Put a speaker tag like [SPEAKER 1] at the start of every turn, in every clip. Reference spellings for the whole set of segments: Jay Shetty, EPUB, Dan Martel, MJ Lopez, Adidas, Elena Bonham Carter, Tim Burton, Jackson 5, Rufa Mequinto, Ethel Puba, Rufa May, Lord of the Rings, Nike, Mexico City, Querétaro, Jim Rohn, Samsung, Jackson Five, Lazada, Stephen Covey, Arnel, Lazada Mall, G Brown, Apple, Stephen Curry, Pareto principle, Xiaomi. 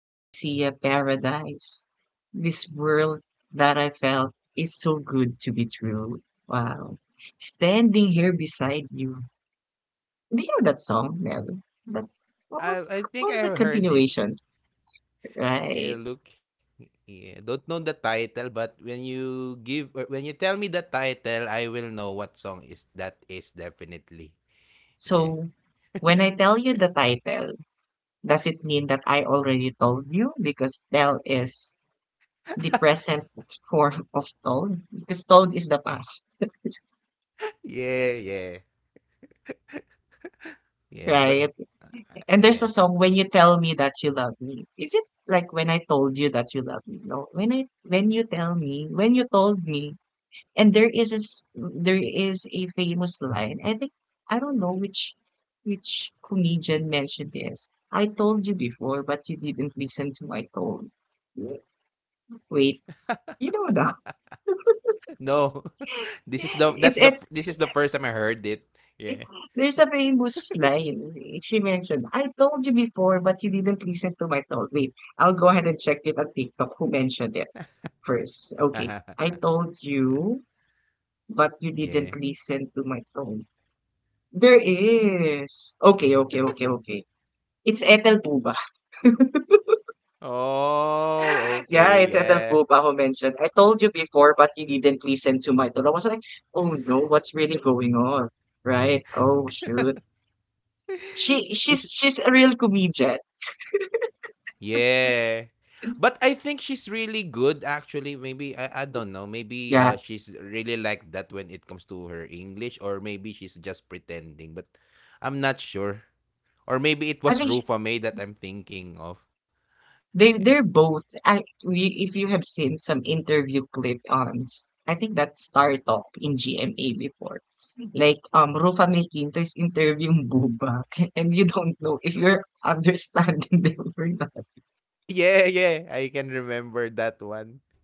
[SPEAKER 1] I see a paradise. This world that I felt is so good to be true. Wow. Standing here beside you. Do you know that song, Mel? But what was
[SPEAKER 2] I
[SPEAKER 1] what was
[SPEAKER 2] think
[SPEAKER 1] the
[SPEAKER 2] I have heard it.
[SPEAKER 1] continuation, right?
[SPEAKER 2] Yeah, look, yeah, don't know the title, but when you give or when you tell me the title, I will know what song is that is definitely. Yeah.
[SPEAKER 1] So when I tell you the title, does it mean that I already told you? Because tell is the present form of told, because told is the past,
[SPEAKER 2] Yeah, yeah. Yeah,
[SPEAKER 1] right?
[SPEAKER 2] but
[SPEAKER 1] And there's a
[SPEAKER 2] yeah.
[SPEAKER 1] song when you tell me that you love me. Is it like when I told you that you love me? No, when you told me. And there is a, there is a famous line. I think I don't know which comedian mentioned this. I told you before, but you didn't listen to my tone. Wait, you know that.
[SPEAKER 2] No. This is the that's
[SPEAKER 1] It's
[SPEAKER 2] the this is the first time I heard it. Yeah.
[SPEAKER 1] There's a famous line. She mentioned, I told you before, but you didn't listen to my told. Wait, I'll go ahead and check it at TikTok. Who mentioned it first? Okay. I told you, but you didn't
[SPEAKER 2] Yeah.
[SPEAKER 1] listen to my tone. There is. Okay. It's Ethel Puba.
[SPEAKER 2] Oh,
[SPEAKER 1] Yeah,
[SPEAKER 2] okay.
[SPEAKER 1] it's Ethel
[SPEAKER 2] Yeah.
[SPEAKER 1] Puba who mentioned, I told you before, but you didn't listen to my tone. I was like, oh no, what's really going on? Right? Oh shoot. She she's she's
[SPEAKER 2] Is
[SPEAKER 1] a real comedian.
[SPEAKER 2] Yeah. But I think she's really good actually. Maybe I don't know. Maybe
[SPEAKER 1] Yeah.
[SPEAKER 2] she's really like that when it comes to her English, or maybe she's just pretending, but I'm not sure. Or
[SPEAKER 1] I
[SPEAKER 2] maybe it
[SPEAKER 1] think she,
[SPEAKER 2] was Rufa May that I'm thinking of.
[SPEAKER 1] They
[SPEAKER 2] Yeah.
[SPEAKER 1] they're both. If you have seen some interview clip on I think that's Star Talk in GMA before. Like Rufa Mequinto is interviewing Buba and you don't know if you're understanding them or not.
[SPEAKER 2] Yeah, yeah. I can remember that one.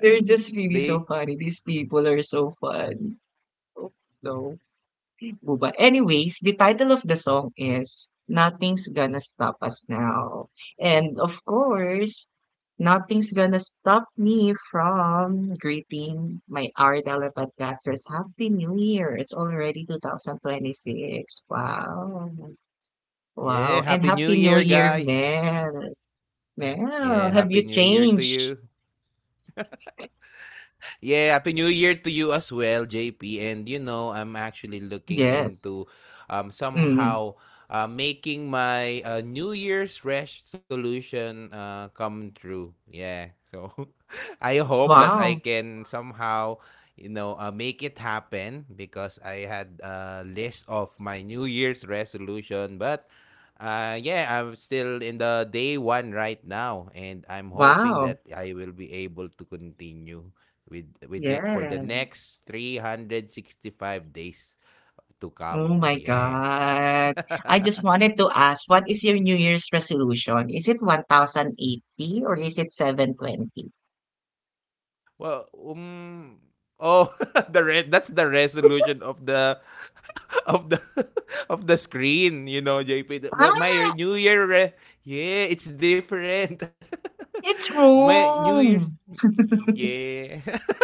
[SPEAKER 1] They're just really so
[SPEAKER 2] they
[SPEAKER 1] funny. These people are so fun. Oh, no. po Anyways, the title of the song is Nothing's Gonna Stop Us Now. And of course, nothing's gonna stop me from greeting my our podcasters Happy New Year! It's already 2026. Wow. Wow.
[SPEAKER 2] Yeah,
[SPEAKER 1] And
[SPEAKER 2] happy
[SPEAKER 1] Happy
[SPEAKER 2] new
[SPEAKER 1] New
[SPEAKER 2] year,
[SPEAKER 1] Year,
[SPEAKER 2] guys.
[SPEAKER 1] Mel. Mel,
[SPEAKER 2] Yeah,
[SPEAKER 1] have
[SPEAKER 2] happy
[SPEAKER 1] you
[SPEAKER 2] new year to
[SPEAKER 1] changed?
[SPEAKER 2] you. Yeah, happy new year to you as well, JP. And you know, I'm actually looking
[SPEAKER 1] Yes.
[SPEAKER 2] into
[SPEAKER 1] Mm.
[SPEAKER 2] somehow making my New Year's resolution come true. Yeah. So I hope that I
[SPEAKER 1] Wow.
[SPEAKER 2] can somehow, make it happen because I had a list of my New Year's resolution, but yeah, I'm still in the day one right now, and I'm hoping
[SPEAKER 1] Wow.
[SPEAKER 2] that I will be able to continue with it for the
[SPEAKER 1] Yeah.
[SPEAKER 2] next 365 days to
[SPEAKER 1] Oh
[SPEAKER 2] come.
[SPEAKER 1] my
[SPEAKER 2] Yeah.
[SPEAKER 1] God. I just wanted to ask, what is your New Year's resolution? Is it 1,080 or is it 720?
[SPEAKER 2] Well, oh, the red. That's the resolution of the of the of the screen. You know, JP. The-
[SPEAKER 1] Ah,
[SPEAKER 2] What my re- New Year? Re- yeah, it's different.
[SPEAKER 1] it's
[SPEAKER 2] My New Year.
[SPEAKER 1] wrong.
[SPEAKER 2] Yeah.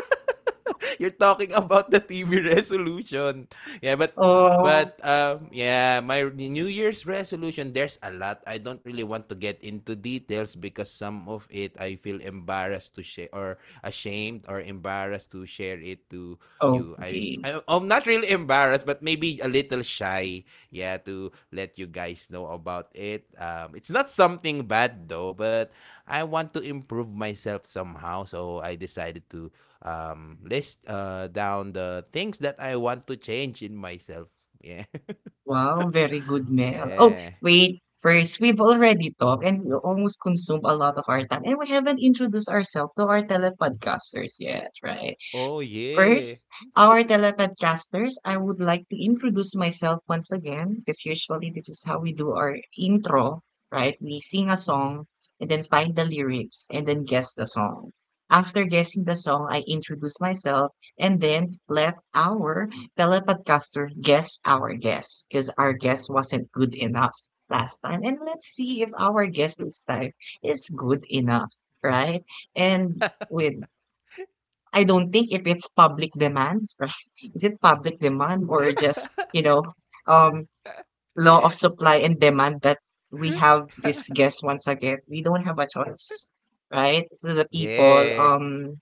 [SPEAKER 2] You're talking about the TV resolution. Yeah, but
[SPEAKER 1] Oh,
[SPEAKER 2] but yeah, my New Year's resolution, there's a lot. I don't really want to get into details because some of it I feel embarrassed to share, or ashamed or embarrassed to share it to you? I'm
[SPEAKER 1] okay.
[SPEAKER 2] I- I'm not really embarrassed, but maybe a little shy. Yeah, to let you guys know about it. It's not something bad though, but I want to improve myself somehow, so I decided to list down the things that I want to change in myself. Yeah.
[SPEAKER 1] Wow, very good, Mel. Oh,
[SPEAKER 2] Yeah.
[SPEAKER 1] wait. First, we've already talked and we almost consumed a lot of our time, and we haven't introduced ourselves to our telepodcasters yet, right?
[SPEAKER 2] Oh yeah.
[SPEAKER 1] First, our telepodcasters, I would like to introduce myself once again because usually this is how we do our intro, right? We sing a song and then find the lyrics and then guess the song. After guessing the song, I introduce myself and then let our telepodcaster guess our guess because our guess wasn't good enough last time. And let's see if our guess this time is good enough, right? And with I don't think if it's public demand, right? Is it public demand or just, you know, um, law of supply and demand that we have this guest once again? We don't have a choice, right? To the people,
[SPEAKER 2] Yeah.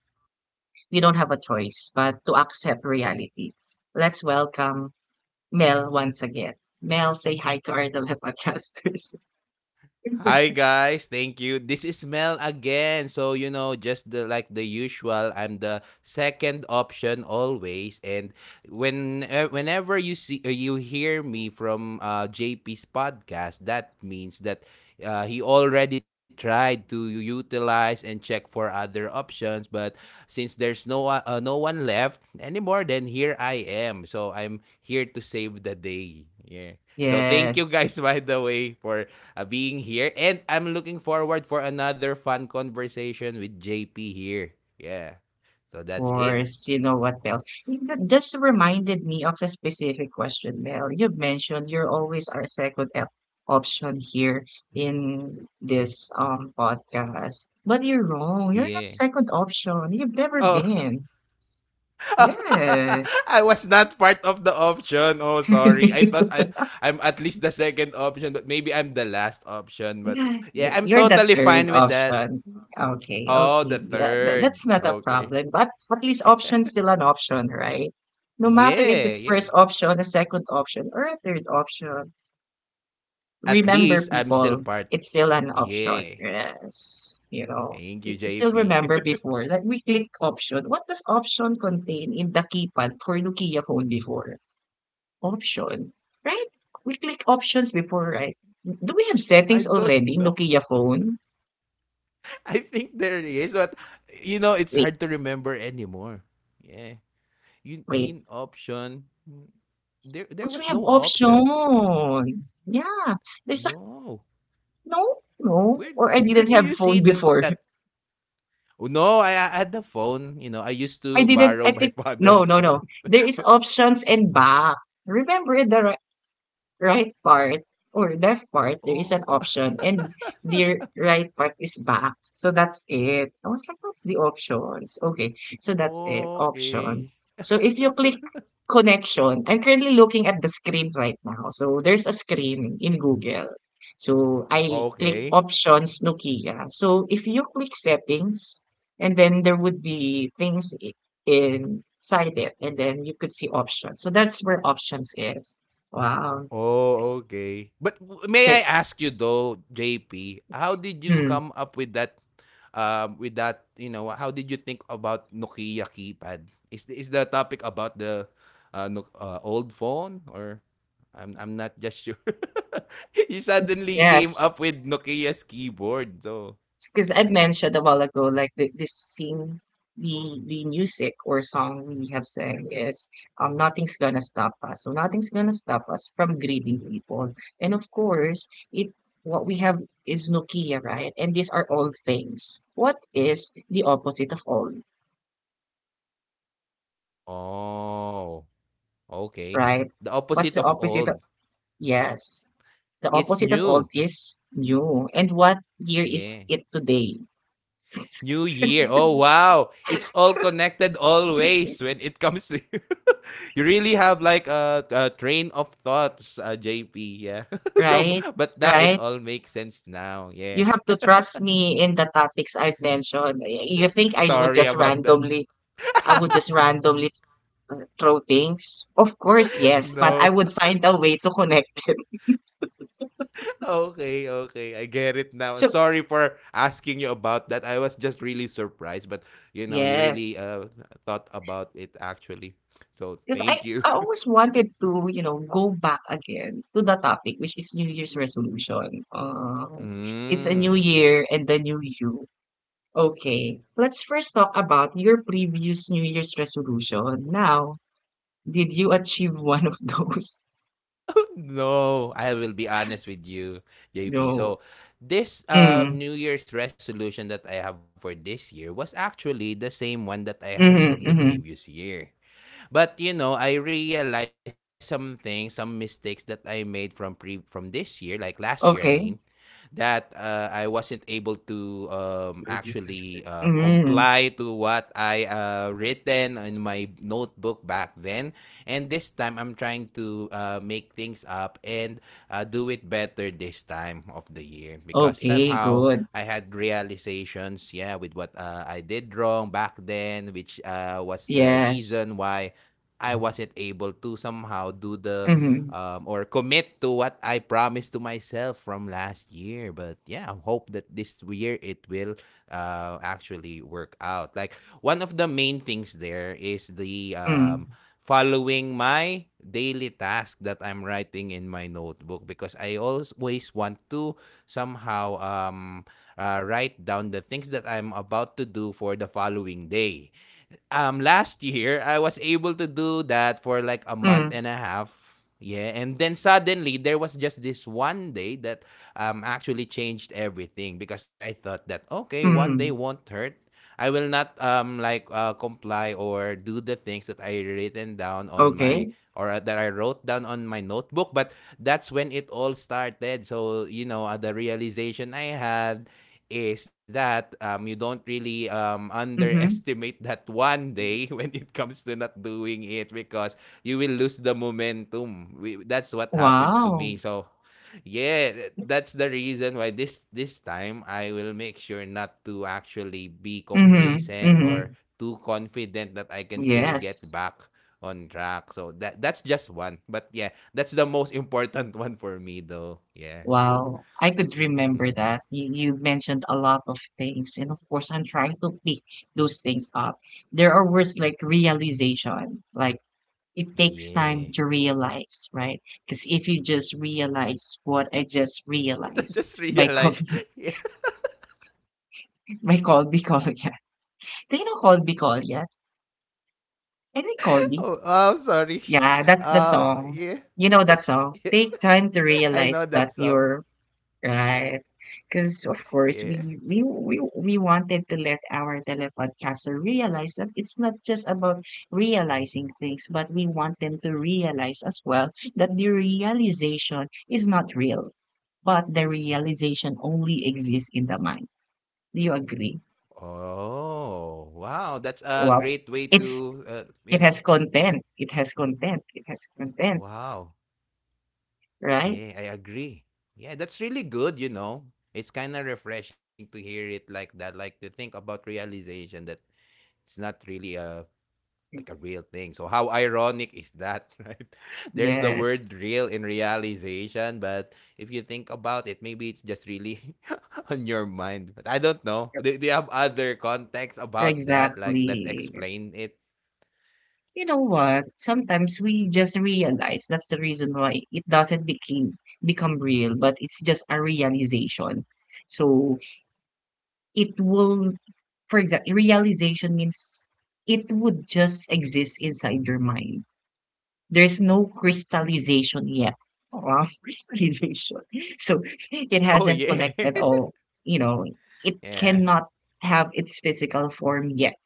[SPEAKER 1] we don't have a choice but to accept reality. Let's welcome Mel once again. Mel, say hi to our Dela podcasters.
[SPEAKER 2] Hi guys, thank you. This is Mel again. So you know, just the usual, I'm the second option always. And whenever you see you hear me from JP's podcast, that means that he already tried to utilize and check for other options. But since there's no one left anymore, then here I am. So I'm here to save the day. Yeah. So thank you
[SPEAKER 1] yes.
[SPEAKER 2] guys by the way for being here. And I'm looking forward for another fun conversation with JP here. Yeah. So that's it.
[SPEAKER 1] course, you know what, Mel? You- That just reminded me of a specific question, Mel. You mentioned you're always our option here in this podcast. But you're wrong. You're not
[SPEAKER 2] Yeah.
[SPEAKER 1] second option. You've never
[SPEAKER 2] Oh,
[SPEAKER 1] been. Yes.
[SPEAKER 2] I was not part of the option. Oh, sorry. I'm at least the second option, but maybe I'm the last option. But yeah, I'm
[SPEAKER 1] You're the
[SPEAKER 2] totally
[SPEAKER 1] third
[SPEAKER 2] fine with that.
[SPEAKER 1] option. Okay,
[SPEAKER 2] Oh,
[SPEAKER 1] okay.
[SPEAKER 2] the
[SPEAKER 1] Yeah,
[SPEAKER 2] third.
[SPEAKER 1] that's not a
[SPEAKER 2] Okay.
[SPEAKER 1] problem. But at least option's still an option, right? No matter if it's
[SPEAKER 2] Yeah,
[SPEAKER 1] first
[SPEAKER 2] yeah.
[SPEAKER 1] option, a second option, or a third option.
[SPEAKER 2] At
[SPEAKER 1] Remember
[SPEAKER 2] least I'm
[SPEAKER 1] people,
[SPEAKER 2] still part.
[SPEAKER 1] it's still an option.
[SPEAKER 2] Yeah.
[SPEAKER 1] Yes, you know. We
[SPEAKER 2] Thank you,
[SPEAKER 1] still
[SPEAKER 2] JP.
[SPEAKER 1] remember before that we click option. What does option contain in the keypad for Nokia phone before? Option, right? We click options before, right? Do we have settings
[SPEAKER 2] I don't
[SPEAKER 1] already in
[SPEAKER 2] know.
[SPEAKER 1] Nokia phone?
[SPEAKER 2] I think there is, but you know, it's
[SPEAKER 1] Wait,
[SPEAKER 2] hard to remember anymore. Yeah. You
[SPEAKER 1] wait.
[SPEAKER 2] mean option? There there
[SPEAKER 1] Because we
[SPEAKER 2] was
[SPEAKER 1] have
[SPEAKER 2] no option.
[SPEAKER 1] option. Yeah. There's a
[SPEAKER 2] No.
[SPEAKER 1] no.
[SPEAKER 2] Where
[SPEAKER 1] Or I didn't
[SPEAKER 2] where do
[SPEAKER 1] have
[SPEAKER 2] you
[SPEAKER 1] phone
[SPEAKER 2] see that?
[SPEAKER 1] before.
[SPEAKER 2] Oh, no, I had the phone. You know, I used to
[SPEAKER 1] I didn't
[SPEAKER 2] borrow
[SPEAKER 1] I
[SPEAKER 2] my
[SPEAKER 1] think
[SPEAKER 2] father's
[SPEAKER 1] no, no,
[SPEAKER 2] phone.
[SPEAKER 1] no. There is
[SPEAKER 2] But
[SPEAKER 1] options and back. Remember the right part or left part, there is an
[SPEAKER 2] oh,
[SPEAKER 1] option, and the right part is back. So that's it. I was like, what's the options? Okay, so that's it, option.
[SPEAKER 2] okay.
[SPEAKER 1] So if you click connection, I'm currently looking at the screen right now. So there's a screen in Google. So I click
[SPEAKER 2] Okay.
[SPEAKER 1] options Nokia. So if you click settings, and then there would be things inside it, and then you could see options. So that's where options is. Wow.
[SPEAKER 2] Oh, okay. But may I
[SPEAKER 1] Sit.
[SPEAKER 2] ask you though, JP, how did you
[SPEAKER 1] Mm,
[SPEAKER 2] come up with that, you know, how did you think about Nokia keypad? Is the topic about the no, old phone, or I'm not just sure? You suddenly came
[SPEAKER 1] yes,
[SPEAKER 2] up with Nokia's keyboard, so
[SPEAKER 1] because I
[SPEAKER 2] yeah.
[SPEAKER 1] mentioned a while ago, like the, this scene, the music or song we have sang is nothing's gonna stop us. So nothing's gonna stop us from greeting people. And of course, it what we have is Nokia, right? And these are all things. What is the opposite of all,
[SPEAKER 2] Oh, okay.
[SPEAKER 1] right?
[SPEAKER 2] The
[SPEAKER 1] What's
[SPEAKER 2] opposite
[SPEAKER 1] the
[SPEAKER 2] of
[SPEAKER 1] opposite of
[SPEAKER 2] old.
[SPEAKER 1] yes? The
[SPEAKER 2] It's
[SPEAKER 1] opposite of all
[SPEAKER 2] new.
[SPEAKER 1] is new. And what year is
[SPEAKER 2] Yeah.
[SPEAKER 1] it today?
[SPEAKER 2] New Year. Oh wow. It's all connected always when it comes to you. You really have like a train of thoughts, JP. Yeah. so
[SPEAKER 1] Right?
[SPEAKER 2] but now it
[SPEAKER 1] Right?
[SPEAKER 2] all makes sense now. Yeah.
[SPEAKER 1] You have to trust me in the topics I've mentioned. You think I would
[SPEAKER 2] Sorry
[SPEAKER 1] just
[SPEAKER 2] about that.
[SPEAKER 1] randomly, I would just randomly throw things? Of course, yes, but I
[SPEAKER 2] No.
[SPEAKER 1] would find a way to connect.
[SPEAKER 2] Okay, okay. I get it now.
[SPEAKER 1] So,
[SPEAKER 2] Sorry for asking you about that. I was just really surprised, but you know, you really
[SPEAKER 1] yes.
[SPEAKER 2] thought about it actually. So
[SPEAKER 1] Because I,
[SPEAKER 2] thank you.
[SPEAKER 1] I always wanted to, you know, go back again to the topic, which is New Year's resolution. It's a new
[SPEAKER 2] Mm.
[SPEAKER 1] year and the new you. Okay, let's first talk about your previous New Year's resolution. Now, did you achieve one of those?
[SPEAKER 2] No, I will be honest with you, JP. So,
[SPEAKER 1] No.
[SPEAKER 2] this
[SPEAKER 1] Mm,
[SPEAKER 2] New Year's resolution that I have for this year was actually the same one that I had
[SPEAKER 1] mhm,
[SPEAKER 2] from the
[SPEAKER 1] mhm.
[SPEAKER 2] previous year. But you know, I realized some things, some mistakes that I made from this year, like last year, I mean,
[SPEAKER 1] Okay.
[SPEAKER 2] that I wasn't able to actually
[SPEAKER 1] Mm,
[SPEAKER 2] comply to what I written in my notebook back then. And this time, I'm trying to make things up and do it better this time of the year because
[SPEAKER 1] okay,
[SPEAKER 2] somehow
[SPEAKER 1] good.
[SPEAKER 2] I had realizations, yeah, with what I did wrong back then, which was the
[SPEAKER 1] Yes.
[SPEAKER 2] reason why I wasn't able to somehow do the
[SPEAKER 1] Mhm,
[SPEAKER 2] or commit to what I promised to myself from last year. But yeah, I hope that this year it will actually work out. Like one of the main things there is the
[SPEAKER 1] mm,
[SPEAKER 2] following my daily task that I'm writing in my notebook because I always want to somehow write down the things that I'm about to do for the following day. Last year I was able to do that for like a month
[SPEAKER 1] mm,
[SPEAKER 2] and a half. Yeah, and then suddenly there was just this one day that actually changed everything because I thought that okay, one day
[SPEAKER 1] mhm.
[SPEAKER 2] won't hurt. I will not comply or do the things that I written down on my
[SPEAKER 1] Okay.
[SPEAKER 2] or that I wrote down on my notebook, but that's when it all started. So, you know, the realization I had is that you don't really
[SPEAKER 1] Mhm.
[SPEAKER 2] underestimate that one day when it comes to not doing it because you will lose the momentum. That's what happened to
[SPEAKER 1] Wow.
[SPEAKER 2] me. So yeah, that's the reason why this time I will make sure not to actually be
[SPEAKER 1] Mhm,
[SPEAKER 2] complacent or
[SPEAKER 1] mhm.
[SPEAKER 2] too confident that I can still get
[SPEAKER 1] Yes.
[SPEAKER 2] back on track. So that's just one. But yeah, that's the most important one for me though. Yeah.
[SPEAKER 1] Wow. I could remember
[SPEAKER 2] hmm
[SPEAKER 1] that. You mentioned a lot of things, and of course, I'm trying to pick those things up. There are words like realization, like it takes
[SPEAKER 2] Yeah.
[SPEAKER 1] time to realize, right? Because if you just realize what I just
[SPEAKER 2] I
[SPEAKER 1] realized
[SPEAKER 2] just
[SPEAKER 1] by
[SPEAKER 2] realized.
[SPEAKER 1] Colby,
[SPEAKER 2] Yeah.
[SPEAKER 1] by Colby Collier. Do you know Colby Collier? I think Colby.
[SPEAKER 2] Oh, oh, sorry.
[SPEAKER 1] Yeah, that's the song.
[SPEAKER 2] Yeah,
[SPEAKER 1] You know that song.
[SPEAKER 2] yeah,
[SPEAKER 1] Take time to
[SPEAKER 2] I know
[SPEAKER 1] realize
[SPEAKER 2] that
[SPEAKER 1] that
[SPEAKER 2] song.
[SPEAKER 1] you're Right. Because of course
[SPEAKER 2] Yeah.
[SPEAKER 1] we wanted to let our telepodcaster realize that it's not just about realizing things, but we want them to realize as well that the realization is not real, but the realization only exists in the mind. Do you agree?
[SPEAKER 2] Oh, wow. That's a
[SPEAKER 1] Well,
[SPEAKER 2] great way
[SPEAKER 1] it's
[SPEAKER 2] to, you
[SPEAKER 1] it
[SPEAKER 2] know,
[SPEAKER 1] has content. It has content. It has content,
[SPEAKER 2] wow.
[SPEAKER 1] right?
[SPEAKER 2] Yeah, I agree. Yeah, that's really good, you know. It's kind of refreshing to hear it like that, like to think about realization that it's not really a like a real thing. So how ironic is that, right? There's the
[SPEAKER 1] Yes.
[SPEAKER 2] word real in realization, but if you think about it, maybe it's just really on your mind. But I don't know. Do you have other context about that? Like that
[SPEAKER 1] Exactly.
[SPEAKER 2] explain it?
[SPEAKER 1] You know what? Sometimes we just realize that's the reason why it doesn't became become real, but it's just a realization. So it will, for example, realization means it would just exist inside your mind. There's no crystallization yet. Wow, crystallization. So it
[SPEAKER 2] Oh
[SPEAKER 1] hasn't
[SPEAKER 2] yeah.
[SPEAKER 1] collected all, you know, it
[SPEAKER 2] Yeah.
[SPEAKER 1] cannot have its physical form yet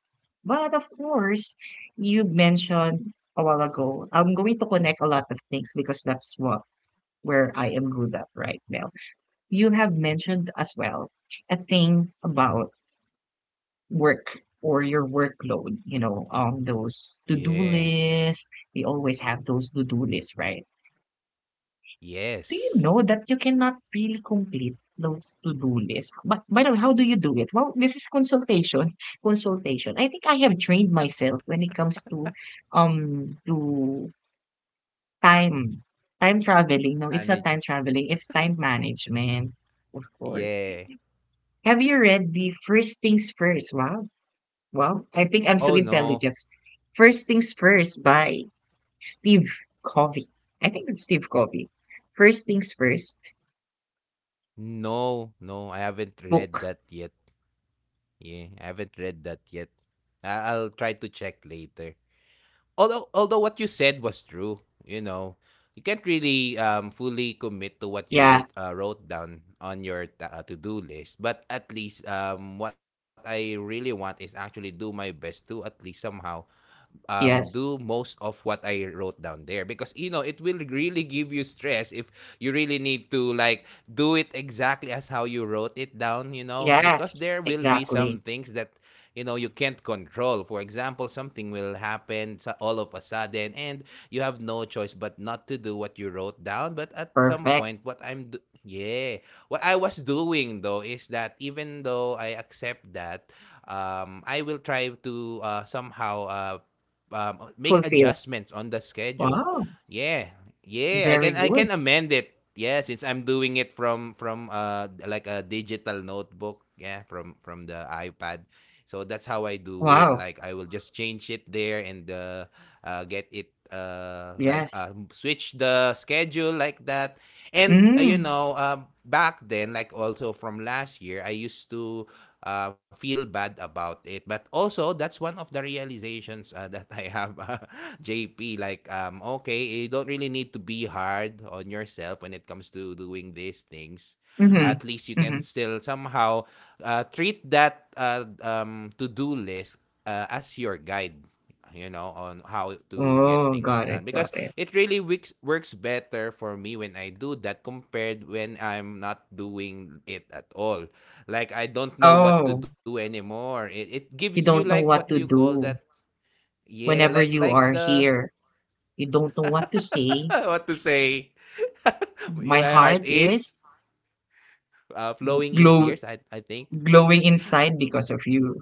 [SPEAKER 1] but of course, you mentioned a while ago, I'm going to connect a lot of things because that's what where I am good at right now. You have mentioned as well a thing about work or your workload, you know, those to-do
[SPEAKER 2] Yeah.
[SPEAKER 1] lists. We always have those to-do lists, right? Do you
[SPEAKER 2] Yes.
[SPEAKER 1] know that you cannot really complete those to-do lists? But by the way, how do you do it? Well, this is consultation. Consultation. I think I have trained myself when it comes to um to time time traveling. No, it's not time
[SPEAKER 2] Manage.
[SPEAKER 1] traveling. It's time management, of course.
[SPEAKER 2] Yeah.
[SPEAKER 1] Have you read the First Things First? Wow, wow. I think I'm so
[SPEAKER 2] Oh no.
[SPEAKER 1] intelligent. First Things First by Steve Covey. I think it's Steve Covey. First Things First
[SPEAKER 2] No. No. I haven't read
[SPEAKER 1] book.
[SPEAKER 2] that yet. Yeah. I haven't read that yet. I'll try to check later. Although what you said was true, you know, you can't really fully commit to what you
[SPEAKER 1] Yeah,
[SPEAKER 2] wrote down on your to-do list. But at least what I really want is actually do my best to at least somehow do
[SPEAKER 1] Yes.
[SPEAKER 2] most of what I wrote down there because you know it will really give you stress if you really need to like do it exactly as how you wrote it down. You know because
[SPEAKER 1] Yes,
[SPEAKER 2] there will be some
[SPEAKER 1] exactly.
[SPEAKER 2] things that you know you can't control, for example something will happen all of a sudden and you have no choice but not to do what you wrote down. But at some
[SPEAKER 1] Perfect.
[SPEAKER 2] point what I'm do- yeah what I was doing though is that even though I accept that I will try to somehow make
[SPEAKER 1] Fulfilled.
[SPEAKER 2] adjustments on the schedule.
[SPEAKER 1] Wow.
[SPEAKER 2] Yeah. Yeah,
[SPEAKER 1] Very
[SPEAKER 2] I
[SPEAKER 1] good.
[SPEAKER 2] can amend it, yeah, since I'm doing it like a digital notebook, yeah, from the ipad, so that's how I do it.
[SPEAKER 1] Wow.
[SPEAKER 2] Like I will just change it there and get it
[SPEAKER 1] Yes.
[SPEAKER 2] switch the schedule like that. And you
[SPEAKER 1] Mm.
[SPEAKER 2] know, back then, like also from last year, I used to feel bad about it. But also, that's one of the realizations that I have, JP. Like, okay, you don't really need to be hard on yourself when it comes to doing these things.
[SPEAKER 1] Mm-hmm.
[SPEAKER 2] At least you
[SPEAKER 1] Mm-hmm.
[SPEAKER 2] can still somehow treat that to-do list as your guide, on how to get
[SPEAKER 1] Oh,
[SPEAKER 2] things
[SPEAKER 1] got
[SPEAKER 2] done,
[SPEAKER 1] it. Got
[SPEAKER 2] because
[SPEAKER 1] it.
[SPEAKER 2] it really works better for me when I do that compared when I'm not doing it at all. Like, I don't know what to
[SPEAKER 1] Oh,
[SPEAKER 2] do anymore. It gives
[SPEAKER 1] you
[SPEAKER 2] you
[SPEAKER 1] don't
[SPEAKER 2] like,
[SPEAKER 1] know
[SPEAKER 2] what do
[SPEAKER 1] what
[SPEAKER 2] you
[SPEAKER 1] to
[SPEAKER 2] call that?
[SPEAKER 1] do
[SPEAKER 2] Yeah,
[SPEAKER 1] whenever
[SPEAKER 2] like
[SPEAKER 1] you
[SPEAKER 2] like
[SPEAKER 1] are
[SPEAKER 2] the
[SPEAKER 1] here. You don't know what to say.
[SPEAKER 2] what to say, your
[SPEAKER 1] My heart
[SPEAKER 2] heart is
[SPEAKER 1] is
[SPEAKER 2] flowing in
[SPEAKER 1] glow
[SPEAKER 2] tears, I think.
[SPEAKER 1] glowing inside because of you.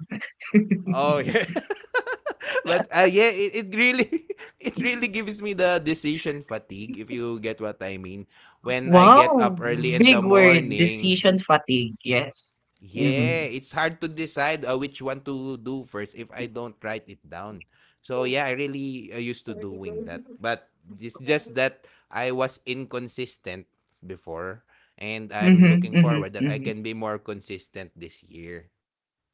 [SPEAKER 2] Oh yeah. But yeah, it really it really gives me the decision fatigue, if you get what I mean. When I get
[SPEAKER 1] Wow.
[SPEAKER 2] up early in the
[SPEAKER 1] Big word.
[SPEAKER 2] morning,
[SPEAKER 1] Decision fatigue. Yes. Mm-hmm.
[SPEAKER 2] yeah, it's hard to decide which one to do first if I don't write it down. So yeah, I really used to doing that. But it's just that I was inconsistent before, and I'm
[SPEAKER 1] Mm-hmm.
[SPEAKER 2] looking
[SPEAKER 1] Mm-hmm.
[SPEAKER 2] forward that I
[SPEAKER 1] Mm-hmm.
[SPEAKER 2] can be more consistent this year. Yeah.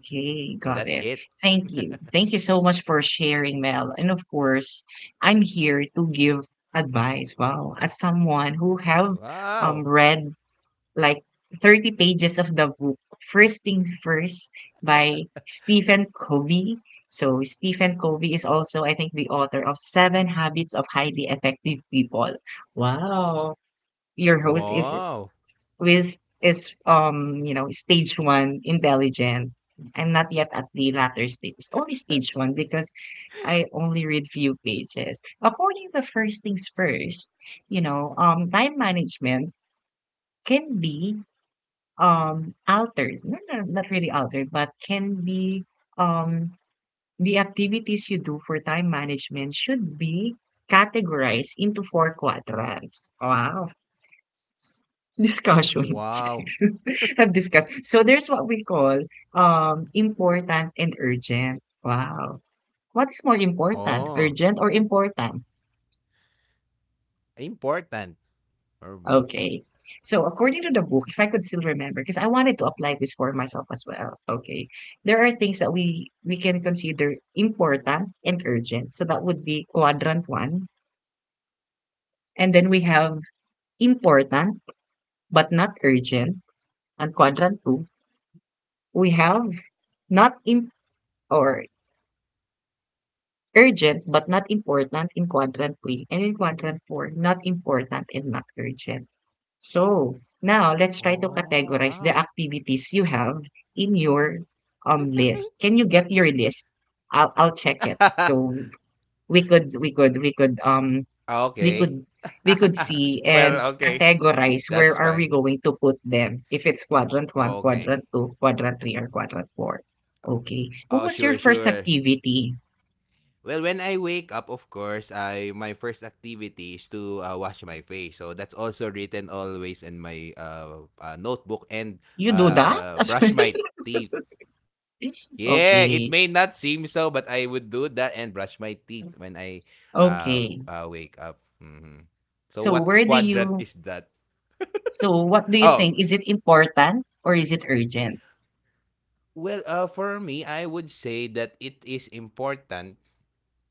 [SPEAKER 2] So that's it.
[SPEAKER 1] got it. Thank you. Thank you so much for sharing, Mel. And of course, I'm here to give advice. Wow, as someone who have
[SPEAKER 2] Wow.
[SPEAKER 1] read like 30 pages of the book First Thing First by Stephen Covey. So Stephen Covey is also, I think, the author of Seven Habits of Highly Effective People. Wow. Your host is
[SPEAKER 2] Wow.
[SPEAKER 1] which is you know, stage one intelligent. I'm not yet at the latter stage. It's only stage one because I only read few pages. According to first things first, you know, time management can be altered. No, no, not really altered, but can be um the activities you do for time management should be categorized into four quadrants. Wow discussion
[SPEAKER 2] Wow.
[SPEAKER 1] have discussed. So there's what we call important and urgent. Wow. What is more important,
[SPEAKER 2] Oh,
[SPEAKER 1] urgent or important?
[SPEAKER 2] important for me.
[SPEAKER 1] Okay. So according to the book, if I could still remember, because I wanted to apply this for myself as well. Okay. There are things that we can consider important and urgent. So that would be quadrant one. And then we have important but not urgent. And quadrant two, we have not in or urgent but not important in quadrant three, and in quadrant four, not important and not urgent. So now let's try to
[SPEAKER 2] Oh,
[SPEAKER 1] categorize
[SPEAKER 2] wow.
[SPEAKER 1] the activities you have in your list. Can you get your list? I'll check it. So we could we could we could we
[SPEAKER 2] Okay.
[SPEAKER 1] could we could see and
[SPEAKER 2] Well, okay.
[SPEAKER 1] categorize where
[SPEAKER 2] That's
[SPEAKER 1] are we
[SPEAKER 2] fine.
[SPEAKER 1] going to put them if it's quadrant one,
[SPEAKER 2] Okay.
[SPEAKER 1] quadrant two, quadrant three, or quadrant four. Okay.
[SPEAKER 2] Oh,
[SPEAKER 1] What was
[SPEAKER 2] sure,
[SPEAKER 1] your first
[SPEAKER 2] sure.
[SPEAKER 1] activity?
[SPEAKER 2] Well, when I wake up, of course, I my first activity is to wash my face. So that's also written always in my notebook, and
[SPEAKER 1] You do that as well?
[SPEAKER 2] brush my teeth. Yeah, it
[SPEAKER 1] Okay.
[SPEAKER 2] may not seem so, but I would do that and brush my teeth when I
[SPEAKER 1] Okay.
[SPEAKER 2] wake up. Mhm.
[SPEAKER 1] So
[SPEAKER 2] So
[SPEAKER 1] where
[SPEAKER 2] what
[SPEAKER 1] do you
[SPEAKER 2] quadrant is that?
[SPEAKER 1] so what do you think? Is
[SPEAKER 2] Oh,
[SPEAKER 1] it important or is it urgent?
[SPEAKER 2] well, for me, I would say that it is important.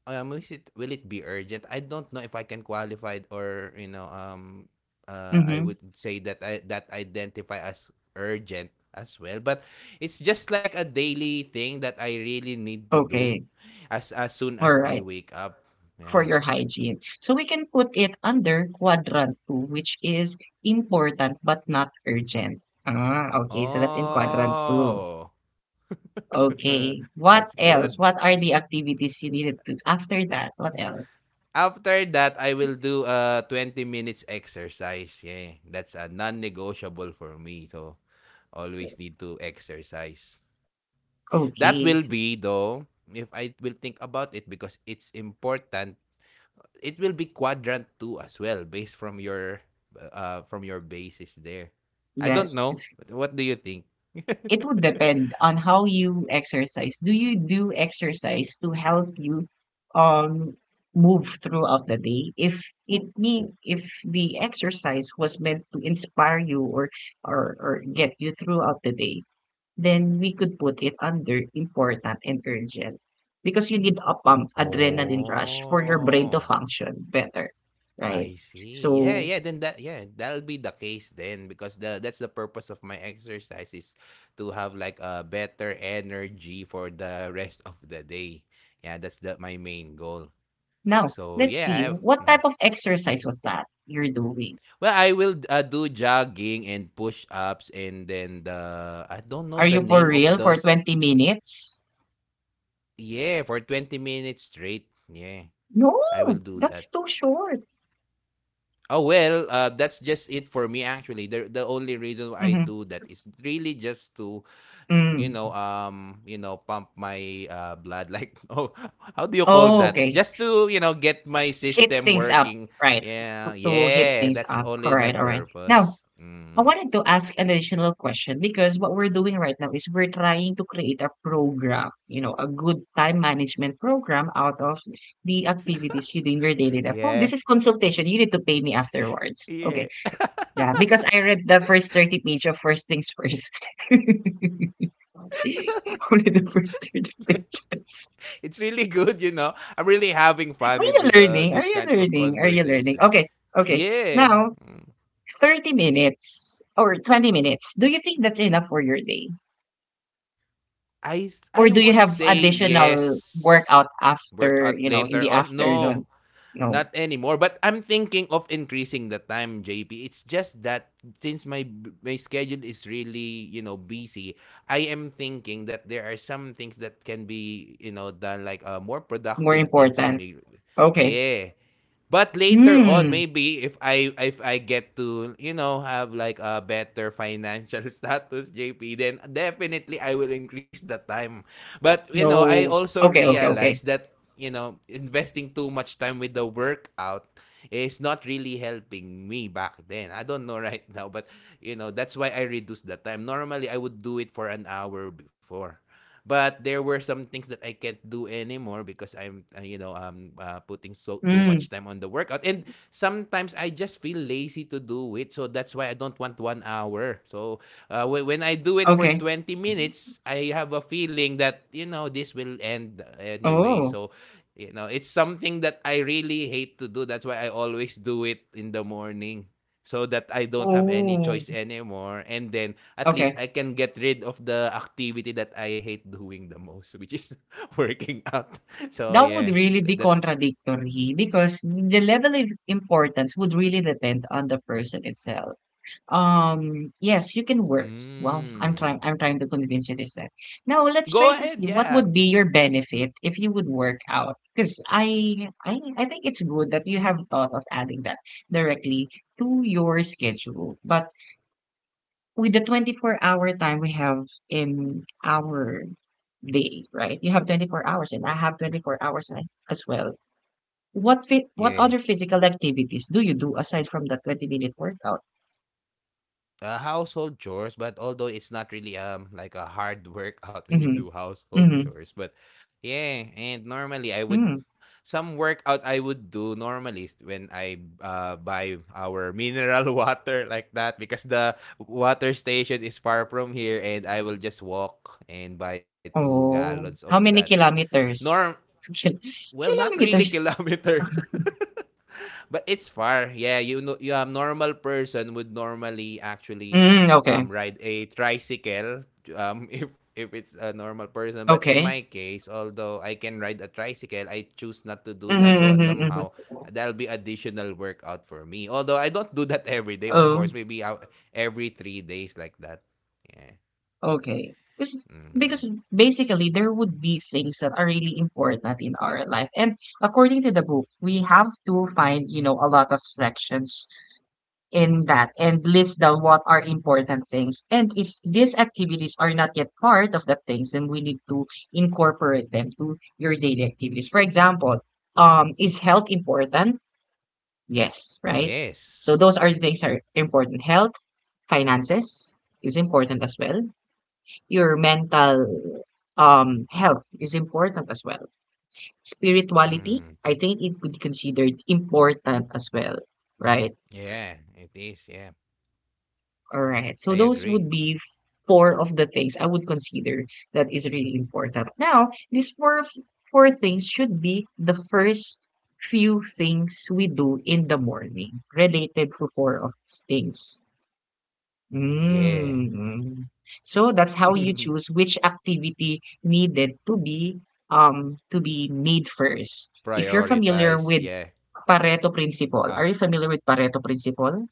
[SPEAKER 2] Um, is it, will it be urgent? I don't know if I can qualify it, or I
[SPEAKER 1] Mm-hmm.
[SPEAKER 2] would say that I, that identify as urgent as well. But it's just like a daily thing that I really need to do
[SPEAKER 1] Okay.
[SPEAKER 2] as soon
[SPEAKER 1] All
[SPEAKER 2] as I
[SPEAKER 1] right.
[SPEAKER 2] wake up.
[SPEAKER 1] For your
[SPEAKER 2] Yeah.
[SPEAKER 1] hygiene. So we can put it under quadrant two, which is important but not urgent. Ah, okay. So that's in quadrant two.
[SPEAKER 2] Oh.
[SPEAKER 1] Okay.
[SPEAKER 2] That's
[SPEAKER 1] What
[SPEAKER 2] good.
[SPEAKER 1] else? What are the activities you needed to after that? What else?
[SPEAKER 2] After that, I will do a 20 minutes exercise. Yeah. That's a non-negotiable for me. So always need to exercise. That
[SPEAKER 1] Okay.
[SPEAKER 2] will be, though, if I will think about it, because it's important, it will be quadrant 2 as well based from your basis there. I
[SPEAKER 1] Yes.
[SPEAKER 2] don't know. What do you think?
[SPEAKER 1] It would depend on how you exercise. Do you do exercise to help you um move throughout the day? If it need if the exercise was meant to inspire you or get you throughout the day, then we could put it under important and urgent. Because you need a pump adrenaline rush for your brain to
[SPEAKER 2] Oh,
[SPEAKER 1] function better. Right?
[SPEAKER 2] I see. Yeah,
[SPEAKER 1] So
[SPEAKER 2] yeah. Then that, yeah, that'll be the case then, because the that's the purpose of my exercise is to have like a better energy for the rest of the day. Yeah, that's the my main goal.
[SPEAKER 1] now
[SPEAKER 2] So
[SPEAKER 1] let's
[SPEAKER 2] yeah, I
[SPEAKER 1] see
[SPEAKER 2] have.
[SPEAKER 1] what
[SPEAKER 2] Mm-hmm.
[SPEAKER 1] type of exercise was that you're doing?
[SPEAKER 2] Well, I will do jogging and push-ups, and then the I don't know
[SPEAKER 1] Are
[SPEAKER 2] the
[SPEAKER 1] you for
[SPEAKER 2] name of
[SPEAKER 1] real for
[SPEAKER 2] those.
[SPEAKER 1] 20 minutes?
[SPEAKER 2] Yeah, for 20 minutes straight. Yeah, I will
[SPEAKER 1] No,
[SPEAKER 2] do that.
[SPEAKER 1] that's too short.
[SPEAKER 2] Oh well, that's just it for me, actually. The only reason why I
[SPEAKER 1] hmm
[SPEAKER 2] do that is really just to,
[SPEAKER 1] Mm.
[SPEAKER 2] pump my blood. Like, oh, how do you call
[SPEAKER 1] Oh,
[SPEAKER 2] that?
[SPEAKER 1] okay.
[SPEAKER 2] Just to get my
[SPEAKER 1] Hit
[SPEAKER 2] system
[SPEAKER 1] things up,
[SPEAKER 2] working.
[SPEAKER 1] right?
[SPEAKER 2] Yeah,
[SPEAKER 1] To hit
[SPEAKER 2] yeah,
[SPEAKER 1] things
[SPEAKER 2] that's
[SPEAKER 1] up.
[SPEAKER 2] only
[SPEAKER 1] All right,
[SPEAKER 2] my
[SPEAKER 1] all right.
[SPEAKER 2] purpose.
[SPEAKER 1] Now, I
[SPEAKER 2] Mm.
[SPEAKER 1] wanted to ask an additional question because what we're doing right now is we're trying to create a program, you know, a good time management program out of the activities you do in your daily life. Oh, this
[SPEAKER 2] Yeah,
[SPEAKER 1] is consultation. You need to pay me afterwards.
[SPEAKER 2] yeah.
[SPEAKER 1] Okay. Yeah, because I read the first 30 page of First Things First. Only the first three digits.
[SPEAKER 2] It's really good, you know. I'm really having
[SPEAKER 1] Are
[SPEAKER 2] fun with
[SPEAKER 1] you learning? Are
[SPEAKER 2] this
[SPEAKER 1] you
[SPEAKER 2] kind of
[SPEAKER 1] learning? Are you learning?
[SPEAKER 2] conversation.
[SPEAKER 1] Okay, okay.
[SPEAKER 2] Yeah.
[SPEAKER 1] Now,
[SPEAKER 2] Mm.
[SPEAKER 1] 30 minutes or 20 minutes. Do you think that's enough for your day?
[SPEAKER 2] I
[SPEAKER 1] Or
[SPEAKER 2] would
[SPEAKER 1] do you
[SPEAKER 2] say
[SPEAKER 1] have
[SPEAKER 2] yes.
[SPEAKER 1] additional workout
[SPEAKER 2] Workout
[SPEAKER 1] after, you know,
[SPEAKER 2] later
[SPEAKER 1] in the
[SPEAKER 2] on. No,
[SPEAKER 1] afternoon? No,
[SPEAKER 2] not anymore. But I'm thinking of increasing the time, JP. It's just that since my schedule is really, busy, I am thinking that there are some things that can be, done like more
[SPEAKER 1] more
[SPEAKER 2] productive things to
[SPEAKER 1] important.
[SPEAKER 2] me.
[SPEAKER 1] Okay.
[SPEAKER 2] Yeah. But later on,
[SPEAKER 1] Hmm.
[SPEAKER 2] maybe if I get to have like a better financial status, JP, then definitely I will increase the time. But I
[SPEAKER 1] No.
[SPEAKER 2] also
[SPEAKER 1] Okay, okay,
[SPEAKER 2] realized
[SPEAKER 1] okay.
[SPEAKER 2] that investing too much time with the workout is not really helping me back then. I don't know right now, but that's why I reduced the time. Normally, I would do it for an hour before. But there were some things that I can't do anymore because I'm, putting so too
[SPEAKER 1] Hmm.
[SPEAKER 2] much time on the workout. And sometimes I just feel lazy to do it, so that's why I don't want 1 hour. So when I do it for
[SPEAKER 1] Okay.
[SPEAKER 2] 20 minutes, I have a feeling that this will end anyway.
[SPEAKER 1] Oh.
[SPEAKER 2] So it's something that I really hate to do, that's why I always do it in the morning, so that I don't have any
[SPEAKER 1] Oh.
[SPEAKER 2] choice anymore, and then at least
[SPEAKER 1] Okay.
[SPEAKER 2] I can get rid of the activity that I hate doing the most, which is working out. So
[SPEAKER 1] That would
[SPEAKER 2] yeah,
[SPEAKER 1] really
[SPEAKER 2] tha
[SPEAKER 1] be
[SPEAKER 2] that's
[SPEAKER 1] contradictory because the level of importance would really depend on the person itself. Yes, you can work. Well, I'm trying
[SPEAKER 2] mm.
[SPEAKER 1] I'm trying to convince you this time.
[SPEAKER 2] Go
[SPEAKER 1] Now
[SPEAKER 2] ahead,
[SPEAKER 1] let's try to
[SPEAKER 2] yeah.
[SPEAKER 1] see what would
[SPEAKER 2] Mhm.
[SPEAKER 1] be your benefit if you would work out. Because I think it's good that you have thought of adding that directly to your schedule. But with the 24-hour time we have in our day, right? You have 24 hours and I have 24 hours as well. What phy
[SPEAKER 2] Yeah.
[SPEAKER 1] what other physical activities do you do aside from the 20-minute workout?
[SPEAKER 2] Household chores, but although it's not really, like a hard workout when you do
[SPEAKER 1] Mhm,
[SPEAKER 2] household chores,
[SPEAKER 1] mhm,
[SPEAKER 2] but yeah, and normally I would
[SPEAKER 1] mm.
[SPEAKER 2] some workout I would do normally is when I buy our mineral water like that, because the water station is far from here, and I will just walk and buy 2 gallons
[SPEAKER 1] Oh,
[SPEAKER 2] of
[SPEAKER 1] how
[SPEAKER 2] that.
[SPEAKER 1] many
[SPEAKER 2] Norm
[SPEAKER 1] kilometers? Kil
[SPEAKER 2] well, not really
[SPEAKER 1] kilometers.
[SPEAKER 2] kilometers. But it's far. Yeah, you a normal person would normally actually
[SPEAKER 1] Mm, okay,
[SPEAKER 2] ride a tricycle if it's a normal person. But in my
[SPEAKER 1] okay.
[SPEAKER 2] case, although I can ride a tricycle, I choose not to do
[SPEAKER 1] Mhm,
[SPEAKER 2] that. So
[SPEAKER 1] mhm, mhm.
[SPEAKER 2] somehow that'll be additional workout for me. Although I don't do that every day, of
[SPEAKER 1] Oh,
[SPEAKER 2] course. Maybe out every 3 days like that. Yeah.
[SPEAKER 1] okay. 'Cause
[SPEAKER 2] Mm.
[SPEAKER 1] because basically there would be things that are really important in our life. And according to the book, we have to find, you know, a lot of sections in that and list down what are important things. And if these activities are not yet part of the things, then we need to incorporate them to your daily activities. For example, is health important? Yes,
[SPEAKER 2] Yeah.
[SPEAKER 1] right? So those are the things that are important. Health, finances is important as well. Your mental health is important as well. Spirituality,
[SPEAKER 2] Mm.
[SPEAKER 1] I think it could be considered important as well, right?
[SPEAKER 2] Yeah. It is. Yeah.
[SPEAKER 1] All right. So
[SPEAKER 2] I
[SPEAKER 1] those would
[SPEAKER 2] agree.
[SPEAKER 1] be four of the things I would consider that is really important. Now, four things should be the first few things we do in the morning related to four of these things.
[SPEAKER 2] Yeah.
[SPEAKER 1] Mm. So that's how you choose which activity needed to be to be made first. If you're familiar
[SPEAKER 2] Prioritize.
[SPEAKER 1] with
[SPEAKER 2] Yeah.
[SPEAKER 1] Pareto principle,
[SPEAKER 2] Ah.
[SPEAKER 1] are you familiar with Pareto principle?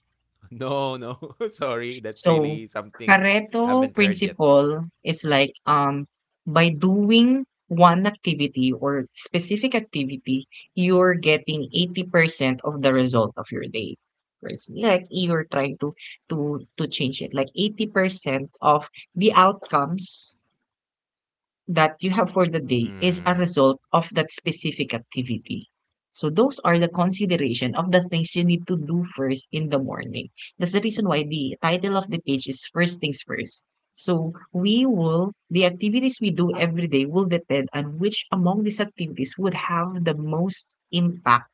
[SPEAKER 2] Oh, no. Sorry, that's really
[SPEAKER 1] So,
[SPEAKER 2] something I haven't
[SPEAKER 1] Pareto
[SPEAKER 2] heard yet.
[SPEAKER 1] principle is like by doing one activity or specific activity, you're getting 80% of the result of your day. Whereas, like you're trying to change it, like 80% of the outcomes that you have for the day is
[SPEAKER 2] Mm.
[SPEAKER 1] a result of that specific activity. So those are the consideration of the things you need to do first in the morning. That's the reason why the title of the page is first things first. So we will the activities we do every day will depend on which among these activities would have the most impact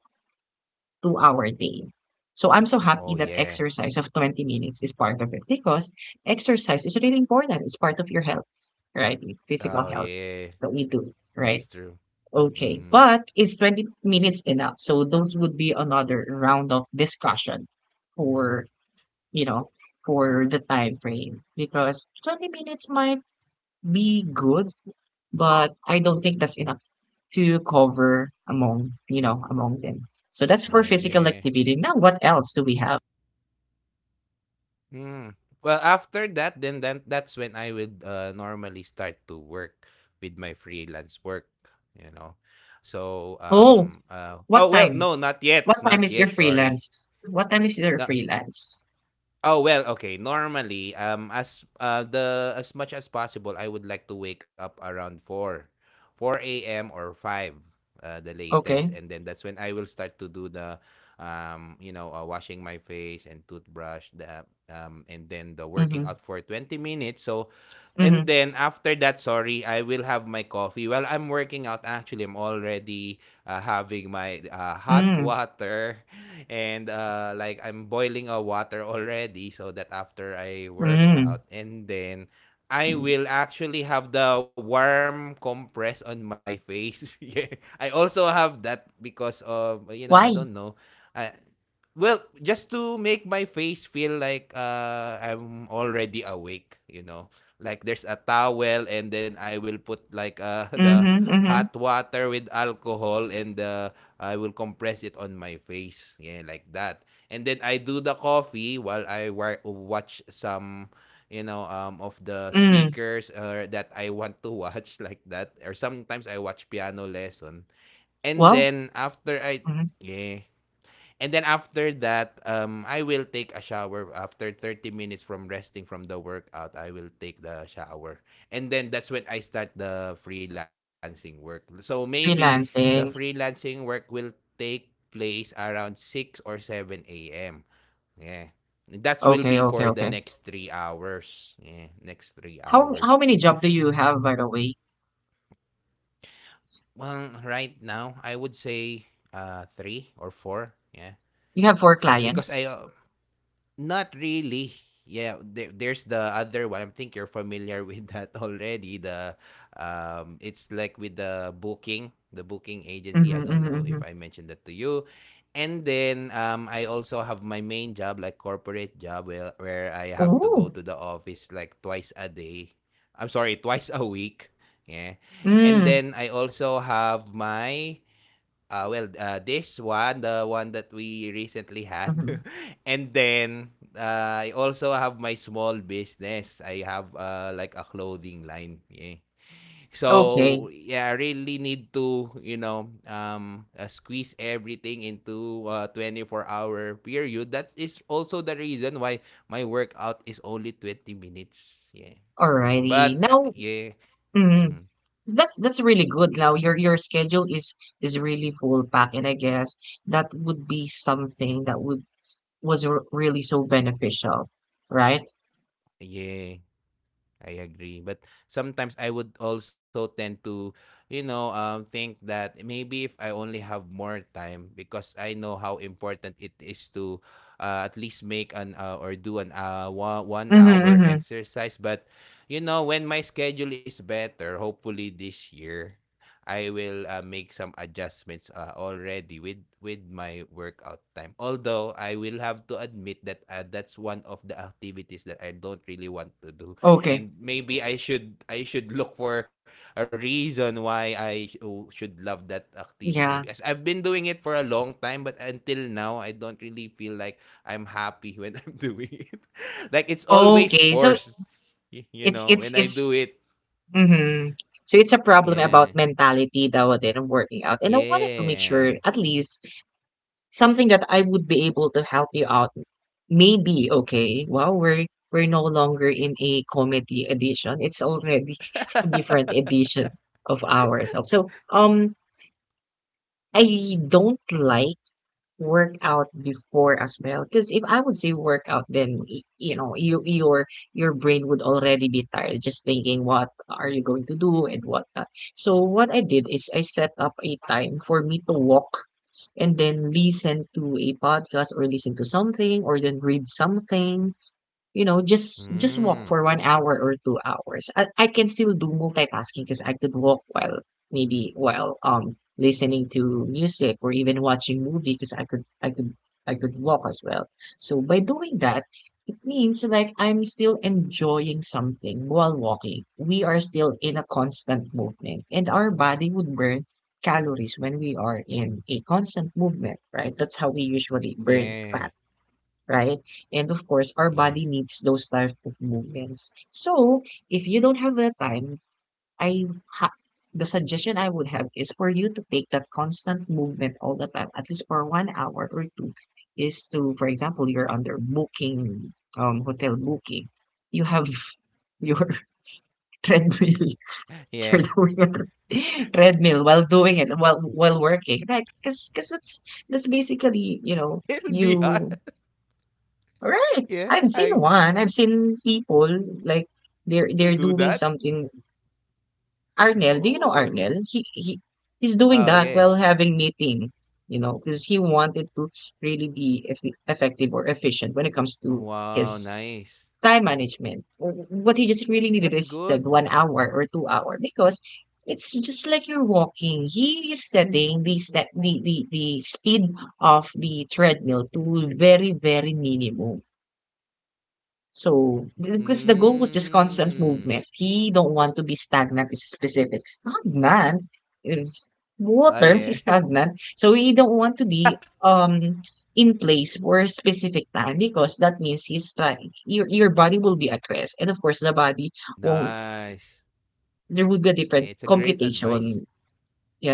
[SPEAKER 1] two-hour day. So I'm so
[SPEAKER 2] Oh,
[SPEAKER 1] happy that
[SPEAKER 2] yeah.
[SPEAKER 1] exercise of 20 minutes is part of it because exercise is really important. It's part of your health, right? Physical
[SPEAKER 2] Oh,
[SPEAKER 1] health
[SPEAKER 2] yeah.
[SPEAKER 1] that we do,
[SPEAKER 2] That's
[SPEAKER 1] right?
[SPEAKER 2] true.
[SPEAKER 1] Okay.
[SPEAKER 2] Mhm.
[SPEAKER 1] But is 20 minutes enough? So those would be another round of discussion for, you know, for the time frame because 20 minutes might be good, but I don't think that's enough to cover among, you know, among them. So that's for
[SPEAKER 2] Well,
[SPEAKER 1] physical
[SPEAKER 2] yeah.
[SPEAKER 1] activity. Now, what else do we have?
[SPEAKER 2] Mm. Well, after that, then that's when I would normally start to work with my freelance work, you know. So,
[SPEAKER 1] Oh, what
[SPEAKER 2] oh well,
[SPEAKER 1] time?
[SPEAKER 2] no, not yet,
[SPEAKER 1] What time
[SPEAKER 2] not
[SPEAKER 1] is your
[SPEAKER 2] yet. Sorry.
[SPEAKER 1] freelance? What time is your
[SPEAKER 2] No,
[SPEAKER 1] freelance?
[SPEAKER 2] oh well, okay. Normally, as much as possible, I would like to wake up around four, 4 a.m. or five, the latest,
[SPEAKER 1] Okay.
[SPEAKER 2] and then that's when I will start to do the, washing my face and toothbrush, the and then the
[SPEAKER 1] Mm-hmm.
[SPEAKER 2] working out for 20 minutes. So, and
[SPEAKER 1] Mm-hmm.
[SPEAKER 2] then after that, sorry, I will have my coffee. While I'm working out, actually, I'm already having my hot
[SPEAKER 1] Mm.
[SPEAKER 2] water. And like, I'm boiling a water already, so that after I work
[SPEAKER 1] Mm.
[SPEAKER 2] out, and then I will actually have the warm compress on my face. Yeah. I also have that because of, you know, I
[SPEAKER 1] Why?
[SPEAKER 2] don't know. Well, just to make my face feel like I'm already awake. Like, there's a towel, and then I will put like the
[SPEAKER 1] Mm-hmm. Mm-hmm.
[SPEAKER 2] hot water with alcohol, and I will compress it on my face, yeah, like that. And then I do the coffee while I watch some, of the
[SPEAKER 1] Mm.
[SPEAKER 2] speakers that I want to watch, like that. Or sometimes I watch piano lesson, and
[SPEAKER 1] Well,
[SPEAKER 2] then after I,
[SPEAKER 1] mhm.
[SPEAKER 2] yeah. And then after that, I will take a shower after 30 minutes from resting from the workout. I will take the shower. And then that's when I start the freelancing work. So maybe the
[SPEAKER 1] Freelancing.
[SPEAKER 2] freelancing work will take place around six or 7 a.m. Yeah. That will be
[SPEAKER 1] Okay,
[SPEAKER 2] for
[SPEAKER 1] okay,
[SPEAKER 2] the
[SPEAKER 1] okay.
[SPEAKER 2] next 3 hours. Yeah, next three hours.
[SPEAKER 1] How many job do you have by the way?
[SPEAKER 2] Well, right now, I would say three or four. Yeah.
[SPEAKER 1] You have four
[SPEAKER 2] Because I,
[SPEAKER 1] clients.
[SPEAKER 2] not really. Yeah, there's the other one. I think you're familiar with that already. The it's like with the booking agency. I
[SPEAKER 1] Mm-hmm.
[SPEAKER 2] don't
[SPEAKER 1] Mm-hmm.
[SPEAKER 2] know
[SPEAKER 1] Mm-hmm.
[SPEAKER 2] if I mentioned that to you. And then I also have my main job, like corporate job, where I have to go
[SPEAKER 1] Oh.
[SPEAKER 2] to the office like twice a day. I'm sorry, twice a week. Yeah. And
[SPEAKER 1] Mm,
[SPEAKER 2] then I also have this one, the one that we recently had.
[SPEAKER 1] mhm.
[SPEAKER 2] And then I also have my small business. I have like a clothing line. Yeah. So,
[SPEAKER 1] Okay.
[SPEAKER 2] yeah, I really need to, squeeze everything into a 24-hour period. That is also the reason why my workout is only 20 minutes. Yeah.
[SPEAKER 1] Alrighty.
[SPEAKER 2] But,
[SPEAKER 1] Now,
[SPEAKER 2] yeah.
[SPEAKER 1] mm,
[SPEAKER 2] Mhm,
[SPEAKER 1] that's really good. Now your schedule is really full pack, and I guess that would be something that would was r really so beneficial, right?
[SPEAKER 2] yeah. I agree. But sometimes I would also tend to, think that maybe if I only have more time, because I know how important it is to at least make an or do an one
[SPEAKER 1] Mm-hmm,
[SPEAKER 2] hour
[SPEAKER 1] mm-hmm.
[SPEAKER 2] exercise. But, when my schedule is better, hopefully this year, I will make some adjustments already with my workout time. Although I will have to admit that that's one of the activities that I don't really want to do,
[SPEAKER 1] Okay.
[SPEAKER 2] and maybe I should look for a reason why I oh, should love that activity, because
[SPEAKER 1] Yeah.
[SPEAKER 2] I've been doing it for a long time, but until now I don't really feel like I'm happy when I'm doing it, like it's always
[SPEAKER 1] Okay. So
[SPEAKER 2] forced, you know, when I
[SPEAKER 1] it's
[SPEAKER 2] do it.
[SPEAKER 1] mm-hmm. So it's a problem
[SPEAKER 2] Yeah,
[SPEAKER 1] about mentality that would then working out. And I wanted to make
[SPEAKER 2] yeah.
[SPEAKER 1] sure at least something that I would be able to help you out. Maybe, okay. Wow, we're no longer in a comedy edition. It's already a different edition of ourselves. So, I don't like workout before as well. Because if I would say workout, then you know, your brain would already be tired just thinking what are you going to do and what not. So what I did is I set up a time for me to walk and then listen to a podcast or listen to something or then read something, you know, just walk
[SPEAKER 2] Mm,
[SPEAKER 1] for 1 hour or 2 hours. I can still do multitasking because I could walk while maybe while listening to music or even watching movie because I could walk as well. So by doing that, it means like I'm still enjoying something while walking. We are still in a constant movement, and our body would burn calories when we are in a constant movement, right? That's how we usually burn
[SPEAKER 2] yeah,
[SPEAKER 1] fat, right? And of course, our
[SPEAKER 2] yeah,
[SPEAKER 1] body needs those type of movements. So, if you don't have the time, I ha- the suggestion I would have is for you to take that constant movement all the time, at least for 1 hour or two, is to, for example, you're under booking, hotel booking. You have your treadmill.
[SPEAKER 2] yeah.
[SPEAKER 1] You're doing a treadmill while doing it while working, right? Because that's basically, you know,
[SPEAKER 2] It'll be hard.
[SPEAKER 1] you. Right.
[SPEAKER 2] Yeah,
[SPEAKER 1] I've seen
[SPEAKER 2] I
[SPEAKER 1] one.
[SPEAKER 2] I
[SPEAKER 1] I've seen people like they're
[SPEAKER 2] would do
[SPEAKER 1] doing
[SPEAKER 2] that.
[SPEAKER 1] something. Arnel, do you know
[SPEAKER 2] Oh.
[SPEAKER 1] Arnel? He's doing
[SPEAKER 2] Oh,
[SPEAKER 1] that
[SPEAKER 2] yeah.
[SPEAKER 1] while having meeting, you know, because he wanted to really be effective or efficient when it comes to
[SPEAKER 2] Wow,
[SPEAKER 1] his
[SPEAKER 2] nice.
[SPEAKER 1] time management. What he just really needed
[SPEAKER 2] That's
[SPEAKER 1] is that
[SPEAKER 2] good.
[SPEAKER 1] 1 hour or 2 hour because it's just like you're walking. He is setting the speed of the treadmill to very, very minimum, so, because the goal was just constant
[SPEAKER 2] Mm.
[SPEAKER 1] movement. He don't want to be stagnant is specific. Stagnant? Is-
[SPEAKER 2] Oh,
[SPEAKER 1] Water
[SPEAKER 2] yeah.
[SPEAKER 1] is stagnant. So he don't want to be in place for a specific time because that means he's trying your body will be at rest. And of course the body won't,
[SPEAKER 2] Nice.
[SPEAKER 1] there would be a
[SPEAKER 2] Yeah,
[SPEAKER 1] different
[SPEAKER 2] it's a great advice.
[SPEAKER 1] computation.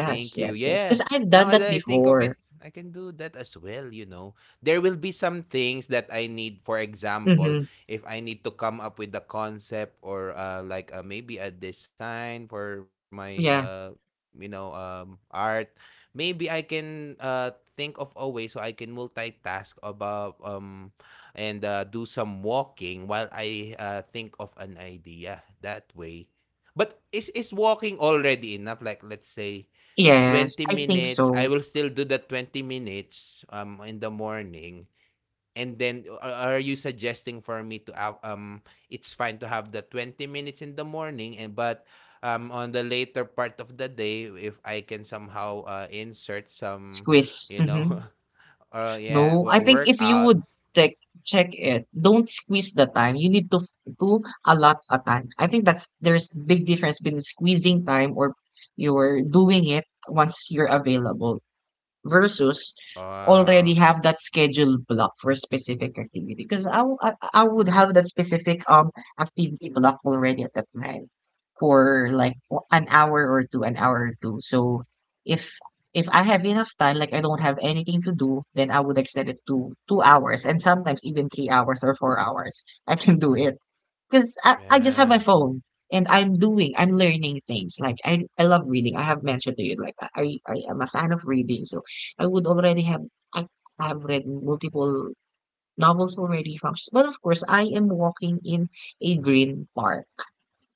[SPEAKER 2] Thank you.
[SPEAKER 1] yes, yes.
[SPEAKER 2] Yeah.
[SPEAKER 1] Because I've
[SPEAKER 2] Now
[SPEAKER 1] done that
[SPEAKER 2] that I think of it,
[SPEAKER 1] before.
[SPEAKER 2] I can do that as well, you know. There will be some things that I need, for example,
[SPEAKER 1] Mm-hmm.
[SPEAKER 2] if I need to come up with the concept or maybe a design for my
[SPEAKER 1] Yeah.
[SPEAKER 2] art, maybe I can think of a way so I can multitask about and do some walking while I think of an idea that way. But is walking already enough? Like let's say
[SPEAKER 1] Yes.
[SPEAKER 2] 20
[SPEAKER 1] I think
[SPEAKER 2] minutes, I
[SPEAKER 1] so.
[SPEAKER 2] will still do the 20 minutes in the morning. And then are you suggesting for me to have it's fine to have the 20 minutes in the morning and but on the later part of the day if I can somehow insert some
[SPEAKER 1] Squeeze.
[SPEAKER 2] you know
[SPEAKER 1] Mm-hmm.
[SPEAKER 2] yeah,
[SPEAKER 1] No, I think if you
[SPEAKER 2] workout.
[SPEAKER 1] would check check it, don't squeeze the time. You need to to allot a time. I think that's there's big difference between squeezing time or you're doing it once you're available, versus already
[SPEAKER 2] Uh,
[SPEAKER 1] have that scheduled block for a specific activity because I would have that specific activity block already at that time for like an hour or two, so if if I have enough time, like I don't have anything to do, then I would extend it to 2 hours, and sometimes even 3 hours or 4 hours I can do it because I just have my
[SPEAKER 2] yeah,
[SPEAKER 1] phone and I'm learning things. Like I love reading. I have mentioned to you, like I am a fan of reading. So I would already have, I have read multiple novels already. But of course, I am walking in a green park.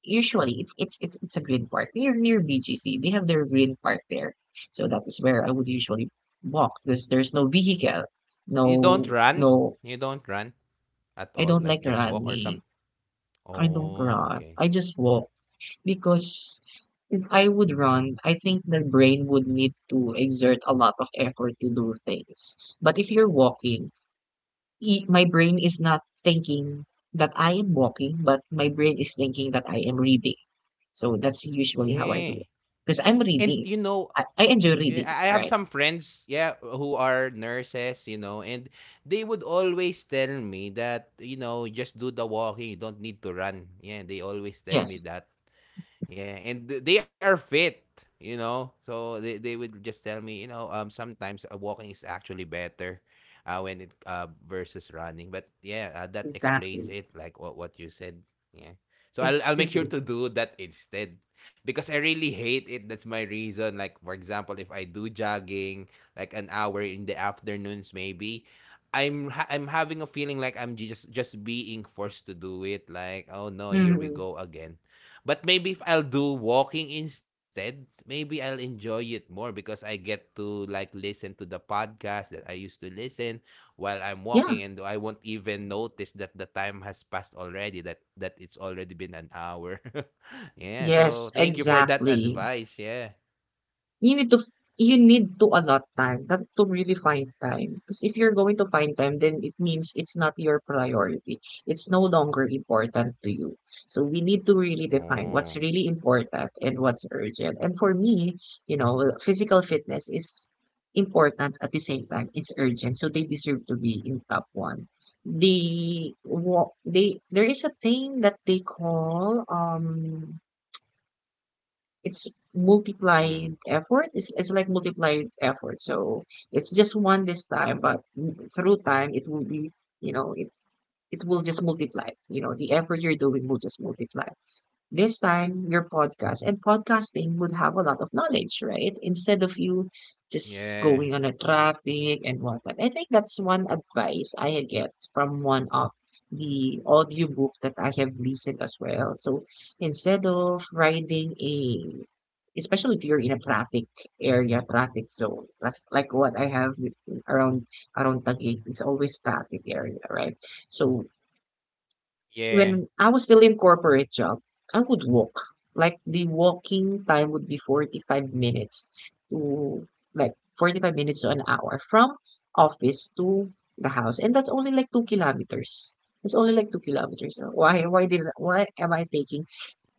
[SPEAKER 1] Usually, it's a green park near near BGC. They have their green park there, so that is where I would usually walk because there's no vehicle,
[SPEAKER 2] you
[SPEAKER 1] no
[SPEAKER 2] don't run,
[SPEAKER 1] no.
[SPEAKER 2] you don't run at
[SPEAKER 1] I
[SPEAKER 2] all,
[SPEAKER 1] don't like
[SPEAKER 2] like just walk or
[SPEAKER 1] running.
[SPEAKER 2] something.
[SPEAKER 1] I don't
[SPEAKER 2] Oh,
[SPEAKER 1] run.
[SPEAKER 2] okay.
[SPEAKER 1] I just walk. Because if I would run, I think the brain would need to exert a lot of effort to do things. But if you're walking, my brain is not thinking that I am walking, but my brain is thinking that I am reading. So that's usually how I do
[SPEAKER 2] Yeah,
[SPEAKER 1] it. Because I'm
[SPEAKER 2] and you
[SPEAKER 1] reading.
[SPEAKER 2] know,
[SPEAKER 1] I enjoy
[SPEAKER 2] yeah, I
[SPEAKER 1] reading,
[SPEAKER 2] have some
[SPEAKER 1] right?
[SPEAKER 2] friends, yeah, who are nurses, you know, and they would always tell me that, you know, just do the walking, you don't need to run. Yeah, they always tell me
[SPEAKER 1] Yes.
[SPEAKER 2] that. Yeah, and they are fit, you know. So they would just tell me, you know, sometimes walking is actually better, when it versus running. But yeah, that explains
[SPEAKER 1] Exactly.
[SPEAKER 2] it, like what you said. Yeah. So I'll
[SPEAKER 1] It's
[SPEAKER 2] make sure
[SPEAKER 1] because
[SPEAKER 2] to
[SPEAKER 1] it's.
[SPEAKER 2] do that instead, because I really hate it. That's my reason. Like for example, if I do jogging, like an hour in the afternoons, maybe. I'm having a feeling like I'm just being forced to do it, like oh no, here we
[SPEAKER 1] Mhm.
[SPEAKER 2] go again. But maybe if I'll do walking instead, maybe I'll enjoy it more because I get to like listen to the podcast that I used to listen while I'm walking
[SPEAKER 1] Yeah.
[SPEAKER 2] and I won't even notice that the time has passed already, that it's already been an hour. Yeah,
[SPEAKER 1] Yes,
[SPEAKER 2] so thank you for that
[SPEAKER 1] exactly.
[SPEAKER 2] advice. Yeah.
[SPEAKER 1] You need to you need to allot time that to really find time. Because if you're going to find time, then it means it's not your priority. It's no longer important to you. So we need to really define what's
[SPEAKER 2] Oh.
[SPEAKER 1] really important and what's urgent. And for me, you know, physical fitness is important. At the same time, it's urgent. So they deserve to be in top one. The wa- they there is a thing that they call it's
[SPEAKER 2] Mm.
[SPEAKER 1] multiplied effort. It's like multiplied effort. So it's just one this time, but through time, it will be, you know, it will just multiply. You know, the effort you're doing will just multiply. This time your podcast and podcasting would have a lot of knowledge, right, instead of you just
[SPEAKER 2] Yeah.
[SPEAKER 1] going on a traffic and whatnot. I think that's one advice I get from one of the audiobook that I have listened as well. So instead of riding a, especially if you're in a traffic area, traffic zone, that's like what I have around around Taguig. It's always traffic area, right? So
[SPEAKER 2] Yeah.
[SPEAKER 1] when I was still in corporate job, I would walk. Like the walking time would be 45 minutes to, like, 45 minutes to an hour from office to the house. And that's only like 2 kilometers. It's only like 2 kilometers. Why did why am I taking,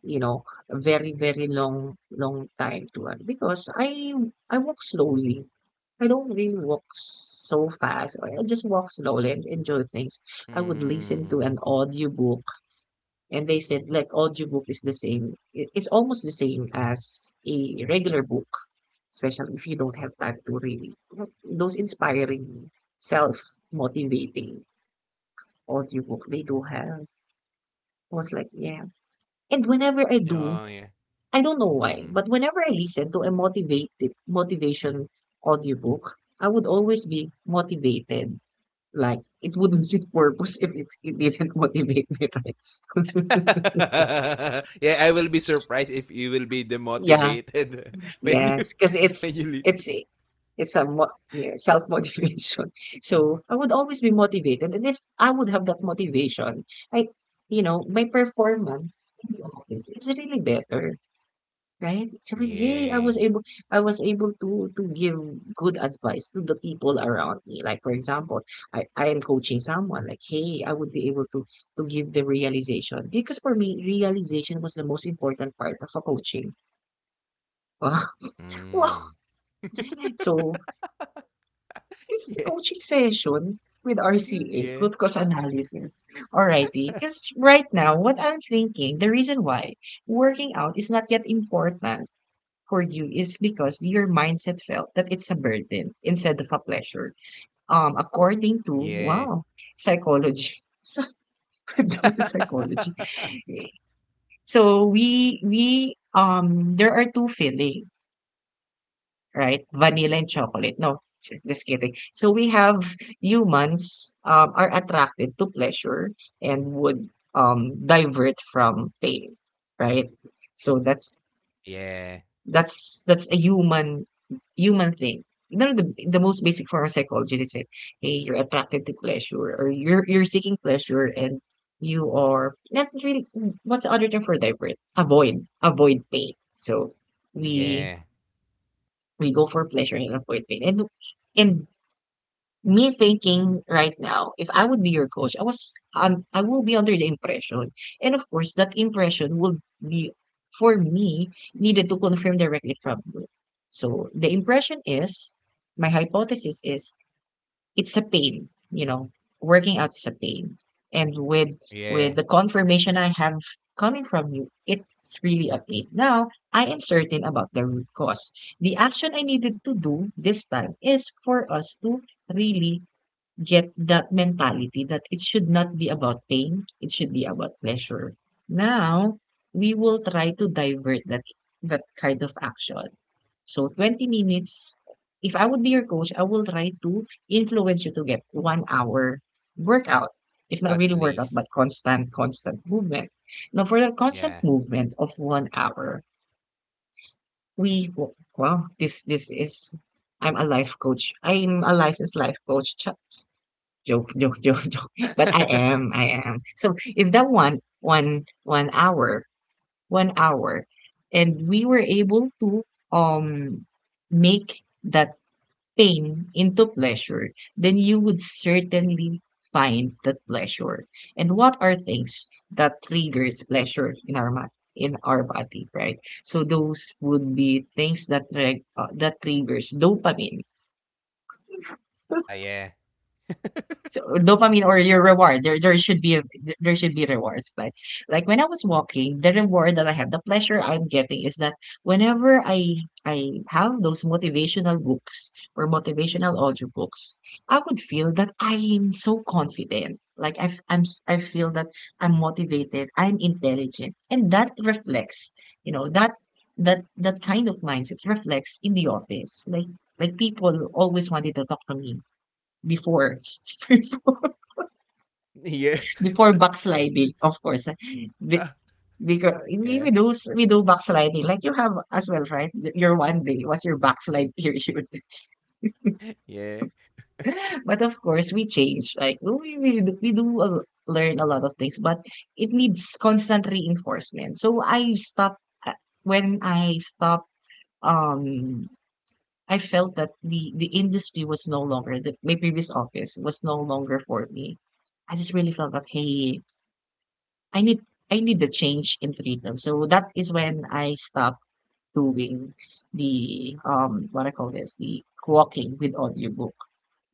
[SPEAKER 1] you know, a very, very long time to run? Because I walk slowly. I don't really walk so fast. I just walk slowly and enjoy things. I would listen to
[SPEAKER 2] Mm.
[SPEAKER 1] an audiobook, and they said like audiobook is the same, it's almost the same as a regular book, especially if you don't have time to read it. Those inspiring, self motivating audiobook, they do have. I was like, yeah. And whenever I do,
[SPEAKER 2] Oh, yeah.
[SPEAKER 1] I don't know why,
[SPEAKER 2] Mhm.
[SPEAKER 1] but whenever I listen to a motivated motivation audiobook, I would always be motivated. Like it wouldn't suit purpose if it didn't motivate me, right?
[SPEAKER 2] Yeah, I will be surprised if you will be
[SPEAKER 1] Yeah.
[SPEAKER 2] demotivated when you
[SPEAKER 1] Yes, because
[SPEAKER 2] when you
[SPEAKER 1] it's
[SPEAKER 2] leave.
[SPEAKER 1] it's it's a mo yeah, self-motivation. So I would always be motivated, and if I would have that motivation, I, you know, my performance in the office is really better, right? So it's, yay,
[SPEAKER 2] Yeah.
[SPEAKER 1] I was able to give good advice to the people around me. Like, for example, I am coaching someone, like, hey, I would be able to give the realization. Because for me, realization was the most important part of a coaching. Wow. Wow.
[SPEAKER 2] Mm.
[SPEAKER 1] So this is
[SPEAKER 2] Yeah.
[SPEAKER 1] coaching session with RCA, root
[SPEAKER 2] Yeah.
[SPEAKER 1] cause analysis. Alrighty. Because right now, what I'm thinking, the reason why working out is not yet important for you is because your mindset felt that it's a burden instead of a pleasure. According to,
[SPEAKER 2] Yeah.
[SPEAKER 1] wow, psychology. So I've gone to psychology. So we there are two feelings, right? Vanilla and chocolate. No, just kidding. So we have humans, are attracted to pleasure and would, divert from pain, right? So that's
[SPEAKER 2] Yeah.
[SPEAKER 1] that's that's a human human thing. You know, the most basic form of psychology is that, hey, you're attracted to pleasure, or you're seeking pleasure, and you are not really, what's the other term for divert? Avoid. Avoid pain. So
[SPEAKER 2] Yeah.
[SPEAKER 1] we we go for pleasure and avoid pain. And and me thinking right now, if I would be your coach, I was, I will be under the impression, and of course, that impression will be, for me, needed to confirm directly from you. So the impression is, my hypothesis is, it's a pain, you know, working out is a pain. And with the
[SPEAKER 2] Yeah.
[SPEAKER 1] confirmation I have coming from you, it's really a pain. Now, I am certain about the root cause. The action I needed to do this time is for us to really get that mentality that it should not be about pain, it should be about pleasure. Now, we will try to divert that that kind of action. So 20 minutes, if I would be your coach, I will try to influence you to get 1 hour workout. If not really
[SPEAKER 2] At
[SPEAKER 1] workout, but
[SPEAKER 2] least.
[SPEAKER 1] constant, constant movement. Now for the constant
[SPEAKER 2] Yeah.
[SPEAKER 1] movement of 1 hour, we, well, this is, I'm a life coach. I'm a licensed life coach. Joke, joke, joke, joke. But I am, I am. So if that one hour, 1 hour, and we were able to, um make that pain into pleasure, then you would certainly find that pleasure. And what are things that triggers pleasure in our mind, in our body, right? So those would be things that that triggers dopamine.
[SPEAKER 2] Ah, yeah.
[SPEAKER 1] So dopamine or your reward, there should be a, there should be rewards, like when I was walking, the reward that I have, the pleasure I'm getting is that whenever I I have those motivational books or motivational audiobooks, I would feel that I am so confident. Like I I'm I feel that I'm motivated, I'm intelligent, and that reflects, you know, that that kind of mindset reflects in the office. Like people always wanted to talk to me before.
[SPEAKER 2] Yeah.
[SPEAKER 1] Before backsliding, of course. Be- because we we
[SPEAKER 2] Yeah.
[SPEAKER 1] we do backsliding, like you have as well, right? Your one day was your backslide period,
[SPEAKER 2] Yeah.
[SPEAKER 1] but of course we change. Like we, we do learn a lot of things, but it needs constant reinforcement. So I stopped, when I stopped. Um, I felt that the industry was no longer, that my previous office was no longer for me. I just really felt that, hey, I need, I need a change in freedom. So that is when I stopped doing the, what I call this, the walking with audiobook.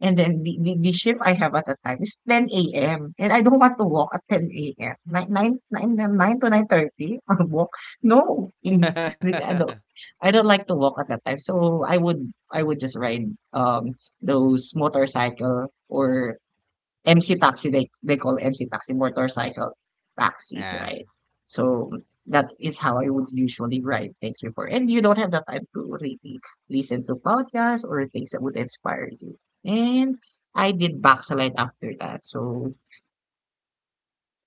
[SPEAKER 1] And then the shift I have at that time is 10 a.m. And I don't want to walk at 10 a.m. Nine to 9:30 walk. No, please. I don't, I don't like to walk at that time. So I would just ride, um those motorcycle, or MC taxi, they call MC taxi, motorcycle taxis,
[SPEAKER 2] Ah,
[SPEAKER 1] right? So that is how I would usually write things before. And you don't have the time to really listen to podcasts or things that would inspire you. And I did backslide after that. So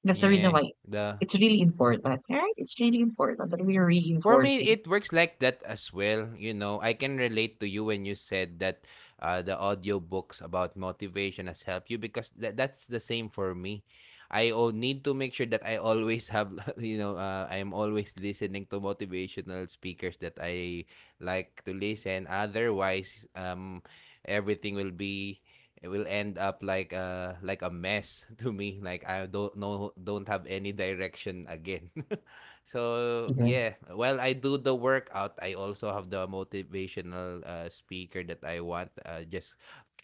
[SPEAKER 1] that's the reason
[SPEAKER 2] yeah.
[SPEAKER 1] why
[SPEAKER 2] The,
[SPEAKER 1] it's really important, right? It's really important that we're
[SPEAKER 2] for me,
[SPEAKER 1] reinforcing.
[SPEAKER 2] it works like that as well. You know, I can relate to you when you said that the audiobooks about motivation has helped you because that's the same for me. I need to make sure that I always have, you know, I'm always listening to motivational speakers that I like to listen. Otherwise, everything will be, it will end up like a mess to me, like I don't know, don't have any direction again. So
[SPEAKER 1] Yes.
[SPEAKER 2] yeah, while I do the workout, I also have the motivational speaker that I want. Just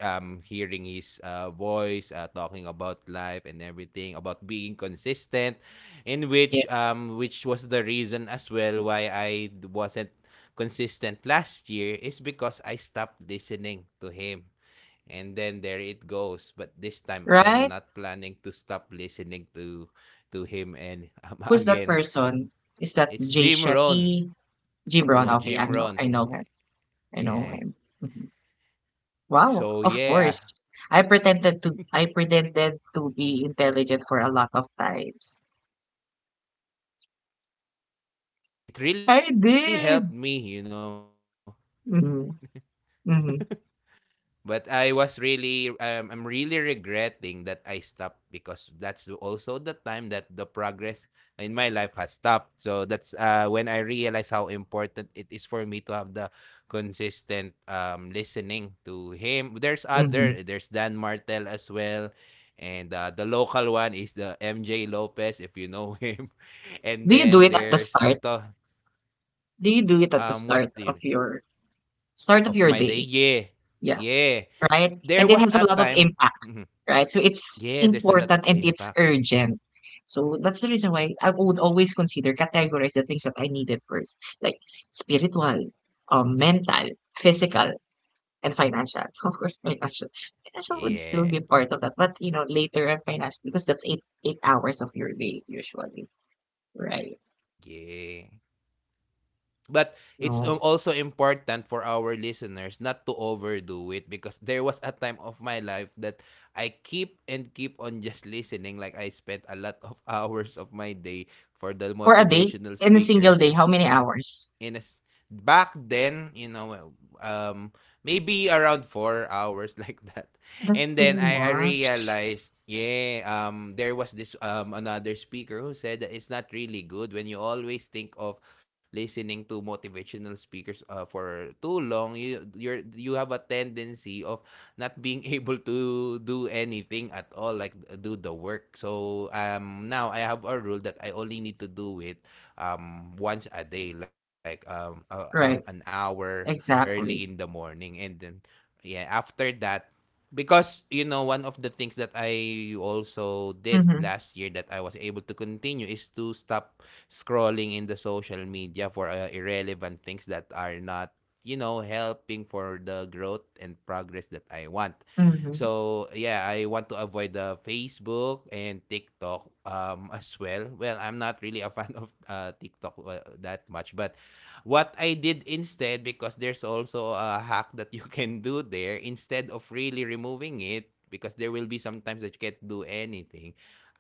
[SPEAKER 2] hearing his voice, talking about life and everything, about being consistent, in
[SPEAKER 1] Yeah.
[SPEAKER 2] which was the reason as well why I wasn't consistent last year, is because I stopped listening to him. And then there it goes. But this time I am
[SPEAKER 1] Right?
[SPEAKER 2] not planning to stop listening to him, and
[SPEAKER 1] Who's that
[SPEAKER 2] again,
[SPEAKER 1] person? Is that
[SPEAKER 2] it's
[SPEAKER 1] Jay
[SPEAKER 2] Jim Rohn.
[SPEAKER 1] Shetty? G Brown.
[SPEAKER 2] No,
[SPEAKER 1] Okay, I
[SPEAKER 2] Jim
[SPEAKER 1] know,
[SPEAKER 2] Rohn.
[SPEAKER 1] I know him. I know
[SPEAKER 2] Yeah.
[SPEAKER 1] him.
[SPEAKER 2] So
[SPEAKER 1] Wow, of
[SPEAKER 2] yeah,
[SPEAKER 1] course. I pretended to be intelligent for a lot of times.
[SPEAKER 2] yeah. It really helped
[SPEAKER 1] I
[SPEAKER 2] me, you know.
[SPEAKER 1] did. Hmm.
[SPEAKER 2] But
[SPEAKER 1] Hmm.
[SPEAKER 2] I was really I'm really regretting that I stopped because that's also the time that the progress in my life has stopped. So that's when I realized how important it is for me to have the consistent listening to him. There's other there's
[SPEAKER 1] Hmm.
[SPEAKER 2] Dan Martel as well. And the local one is the MJ Lopez, if you know him. And
[SPEAKER 1] Do you
[SPEAKER 2] then
[SPEAKER 1] do it at the
[SPEAKER 2] there's
[SPEAKER 1] start?
[SPEAKER 2] oh,
[SPEAKER 1] Do you do it at the
[SPEAKER 2] what
[SPEAKER 1] start
[SPEAKER 2] do you,
[SPEAKER 1] of your
[SPEAKER 2] of
[SPEAKER 1] start of
[SPEAKER 2] my
[SPEAKER 1] your
[SPEAKER 2] day,
[SPEAKER 1] day?
[SPEAKER 2] yeah,
[SPEAKER 1] Yeah,
[SPEAKER 2] yeah.
[SPEAKER 1] right?
[SPEAKER 2] There
[SPEAKER 1] And it
[SPEAKER 2] was
[SPEAKER 1] has
[SPEAKER 2] a
[SPEAKER 1] a lot of
[SPEAKER 2] time,
[SPEAKER 1] impact,
[SPEAKER 2] mhm.
[SPEAKER 1] right? So it's
[SPEAKER 2] Yeah, there's a lot of
[SPEAKER 1] important and it's
[SPEAKER 2] impact.
[SPEAKER 1] urgent. So that's the reason why I would always consider, categorize the things that I needed first, like spiritual, mental, physical, and financial. Of course, financial. Financial would still
[SPEAKER 2] Yeah,
[SPEAKER 1] be part of that, but, you know, later, and financial because that's eight hours of your day usually. Right.
[SPEAKER 2] yeah. But it's,
[SPEAKER 1] No.
[SPEAKER 2] also important for our listeners not to overdo it because there was a time of my life that I keep and keep on just listening, like I spent a lot of hours of my day for the
[SPEAKER 1] For a day,
[SPEAKER 2] motivational
[SPEAKER 1] in a single day,
[SPEAKER 2] speakers.
[SPEAKER 1] how many hours?
[SPEAKER 2] And as back then, you know, well, um, maybe around 4 hours like that.
[SPEAKER 1] That's
[SPEAKER 2] And
[SPEAKER 1] too
[SPEAKER 2] then I
[SPEAKER 1] much.
[SPEAKER 2] realized, yeah, there was this another speaker who said that it's not really good when you always think of listening to motivational speakers for too long. You you have a tendency of not being able to do anything at all, like do the work. So now I have a rule that I only need to do it once a day, like
[SPEAKER 1] Right.
[SPEAKER 2] an hour early in
[SPEAKER 1] Exactly.
[SPEAKER 2] the morning. And then, yeah, after that, because you know one of the things that I also did
[SPEAKER 1] Mm-hmm.
[SPEAKER 2] last year that I was able to continue is to stop scrolling in the social media for irrelevant things that are not, you know, helping for the growth and progress that I want.
[SPEAKER 1] Mm-hmm.
[SPEAKER 2] So yeah, I want to avoid the Facebook and TikTok as well. Well, I'm not really a fan of TikTok that much, but what I did instead, because there's also a hack that you can do there instead of really removing it because there will be sometimes that you can't do anything.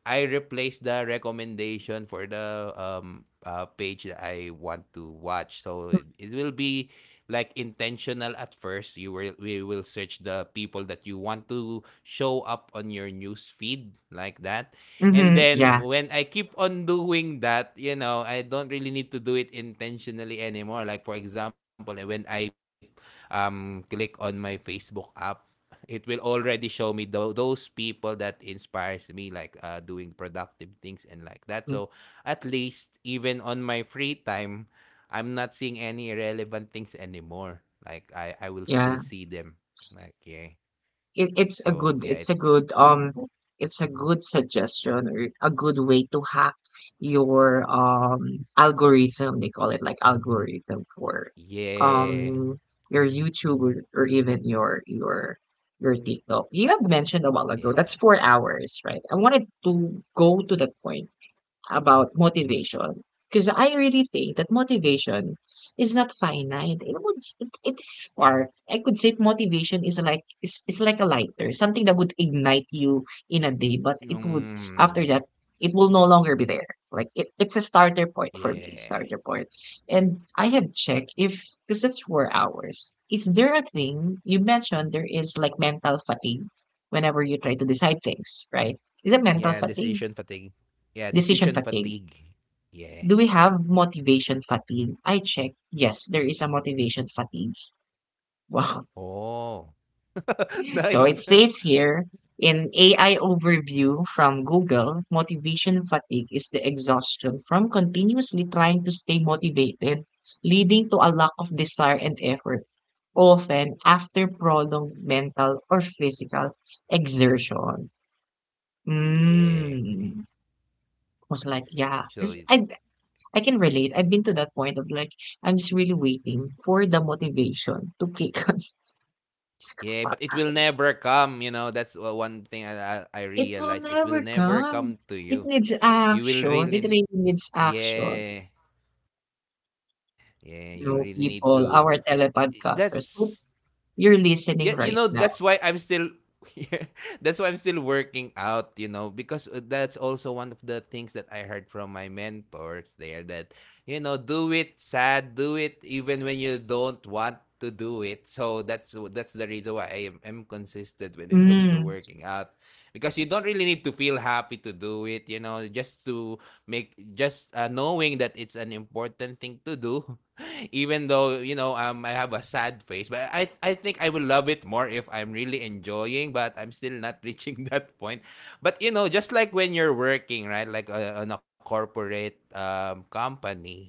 [SPEAKER 2] I replace the recommendation for the page that I want to watch. So it will be like intentional at first. You will we will search the people that you want to show up on your news feed like that. And
[SPEAKER 1] Mm-hmm.
[SPEAKER 2] then
[SPEAKER 1] Yeah.
[SPEAKER 2] when I keep on doing that, you know, I don't really need to do it intentionally anymore. Like for example, eh, when I click on my Facebook app, it will already show me those people that inspires me, like doing productive things and like that, so
[SPEAKER 1] Mm.
[SPEAKER 2] at least even on my free time I'm not seeing any irrelevant things anymore. Like I will still
[SPEAKER 1] Yeah.
[SPEAKER 2] see them. Like yeah.
[SPEAKER 1] It's a
[SPEAKER 2] So yeah,
[SPEAKER 1] good,
[SPEAKER 2] it,
[SPEAKER 1] it's a good suggestion or a good way to hack your, algorithm, they call it, like algorithm for,
[SPEAKER 2] yeah.
[SPEAKER 1] um your YouTube, or even your TikTok. You had mentioned a while ago that's 4 hours, right? I wanted to go to that point about motivation because I really think that motivation is not finite. It would, it is spark. I could say motivation is like, is like a lighter, something that would ignite you in a day, but it would,
[SPEAKER 2] Mm,
[SPEAKER 1] after that, it will no longer be there. Like, it's a starter point for me,
[SPEAKER 2] yeah.
[SPEAKER 1] starter point. And I have checked if, because that's 4 hours. Is there a thing you mentioned there is like mental fatigue whenever you try to decide things, right? Is it mental
[SPEAKER 2] Yeah,
[SPEAKER 1] fatigue?
[SPEAKER 2] decision fatigue. Yeah,
[SPEAKER 1] Decision
[SPEAKER 2] decision
[SPEAKER 1] fatigue,
[SPEAKER 2] fatigue. Yeah.
[SPEAKER 1] do we have motivation fatigue? I check. Yes, there is a motivation fatigue. Wow.
[SPEAKER 2] Oh.
[SPEAKER 1] So it
[SPEAKER 2] Nice.
[SPEAKER 1] says here in AI overview from Google, motivation fatigue is the exhaustion from continuously trying to stay motivated, leading to a lack of desire and effort, often after prolonged mental or physical exertion.
[SPEAKER 2] Yeah.
[SPEAKER 1] Mm. I was like, yeah.
[SPEAKER 2] So it-
[SPEAKER 1] 'Cause I can relate. I've been to that point of like, I'm just really waiting for the motivation to kick on
[SPEAKER 2] yeah,
[SPEAKER 1] up.
[SPEAKER 2] but it will never come, you know. That's one thing I
[SPEAKER 1] It will
[SPEAKER 2] realize. It will
[SPEAKER 1] never
[SPEAKER 2] never
[SPEAKER 1] come.
[SPEAKER 2] come to
[SPEAKER 1] It
[SPEAKER 2] you.
[SPEAKER 1] needs
[SPEAKER 2] You will
[SPEAKER 1] action. It
[SPEAKER 2] really,
[SPEAKER 1] really needs action.
[SPEAKER 2] yeah. Yeah,
[SPEAKER 1] You
[SPEAKER 2] you
[SPEAKER 1] know,
[SPEAKER 2] really need
[SPEAKER 1] people,
[SPEAKER 2] to,
[SPEAKER 1] our telepodcasters,
[SPEAKER 2] that's
[SPEAKER 1] hope you're listening
[SPEAKER 2] yeah, you
[SPEAKER 1] right
[SPEAKER 2] know,
[SPEAKER 1] now.
[SPEAKER 2] that's why I'm still yeah, that's why I'm still working out, you know, because that's also one of the things that I heard from my mentors there, that you know, do it sad, do it even when you don't want to do it. So that's the reason why am consistent when it comes to
[SPEAKER 1] Mm,
[SPEAKER 2] working out, because you don't really need to feel happy to do it, you know, just to make, just knowing that it's an important thing to do. Even though, you know, I have a sad face, but I think I will love it more if I'm really enjoying, but I'm still not reaching that point. But you know, just like when you're working, right? Like on a corporate company,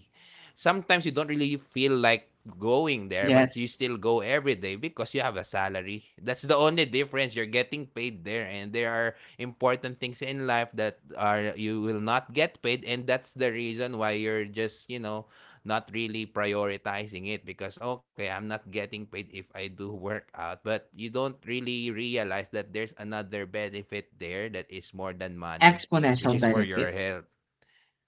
[SPEAKER 2] sometimes you don't really feel like going there, but you
[SPEAKER 1] yes,
[SPEAKER 2] still go every day because you have a salary. That's the only difference. You're getting paid there, and there are important things in life that are, you will not get paid, and that's the reason why you're just, you know, not really prioritizing it because okay, I'm not getting paid if I do work out, but you don't really realize that there's another benefit there that is more than money, which
[SPEAKER 1] exponential
[SPEAKER 2] is for your
[SPEAKER 1] benefit,
[SPEAKER 2] health.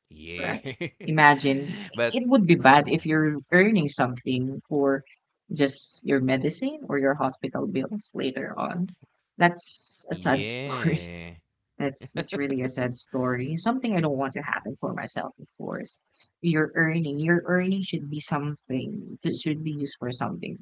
[SPEAKER 2] Yeah.
[SPEAKER 1] right? Imagine,
[SPEAKER 2] But
[SPEAKER 1] it would be bad if
[SPEAKER 2] mm,
[SPEAKER 1] you're earning something for just your medicine or your hospital bills later on. That's a sad story.
[SPEAKER 2] yeah.
[SPEAKER 1] That's really a sad story. Something I don't want to happen for myself, of course. Your earning should be something that should be used for something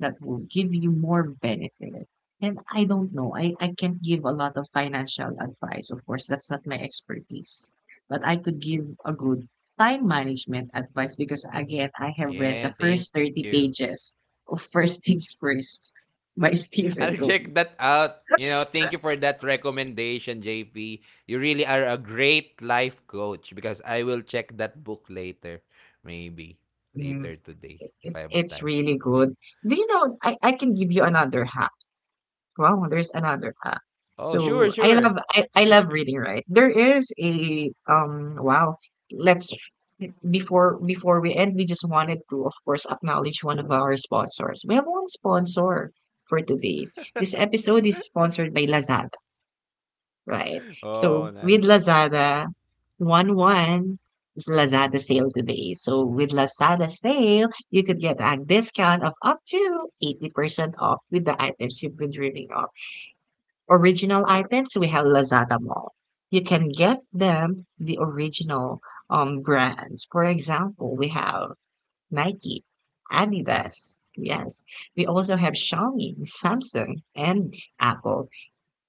[SPEAKER 1] that will give you more benefit. And I don't know. I can't give a lot of financial advice. Of course, that's not my expertise. But I could give a good time management advice because, again, I have read the
[SPEAKER 2] Yeah,
[SPEAKER 1] first
[SPEAKER 2] thank
[SPEAKER 1] 30
[SPEAKER 2] you.
[SPEAKER 1] pages of First Things First by
[SPEAKER 2] I'll
[SPEAKER 1] Stephen
[SPEAKER 2] check
[SPEAKER 1] Covey.
[SPEAKER 2] that out. You know, thank you for that recommendation, JP. You really are a great life coach because I will check that book later, maybe later today
[SPEAKER 1] it,
[SPEAKER 2] if
[SPEAKER 1] it-
[SPEAKER 2] I have
[SPEAKER 1] it's
[SPEAKER 2] time.
[SPEAKER 1] really good. Do you know? I can give you another hack. Wow, there's another hack.
[SPEAKER 2] Oh, sure,
[SPEAKER 1] So I love
[SPEAKER 2] sure.
[SPEAKER 1] I, I love reading. Right? There is a wow. Let's before before we end, we just wanted to, of course, acknowledge one of our sponsors. We have one sponsor for today. This episode is sponsored by Lazada. Right. So
[SPEAKER 2] Oh,
[SPEAKER 1] with
[SPEAKER 2] nice.
[SPEAKER 1] Lazada, 1-1 is Lazada sale today. So with Lazada sale, you could get a discount of up to 80% off with the items you've been dreaming of. Original items, we have Lazada Mall. You can get them the original brands. For example, we have Nike, Adidas. Yes. We also have Xiaomi, Samsung, and Apple.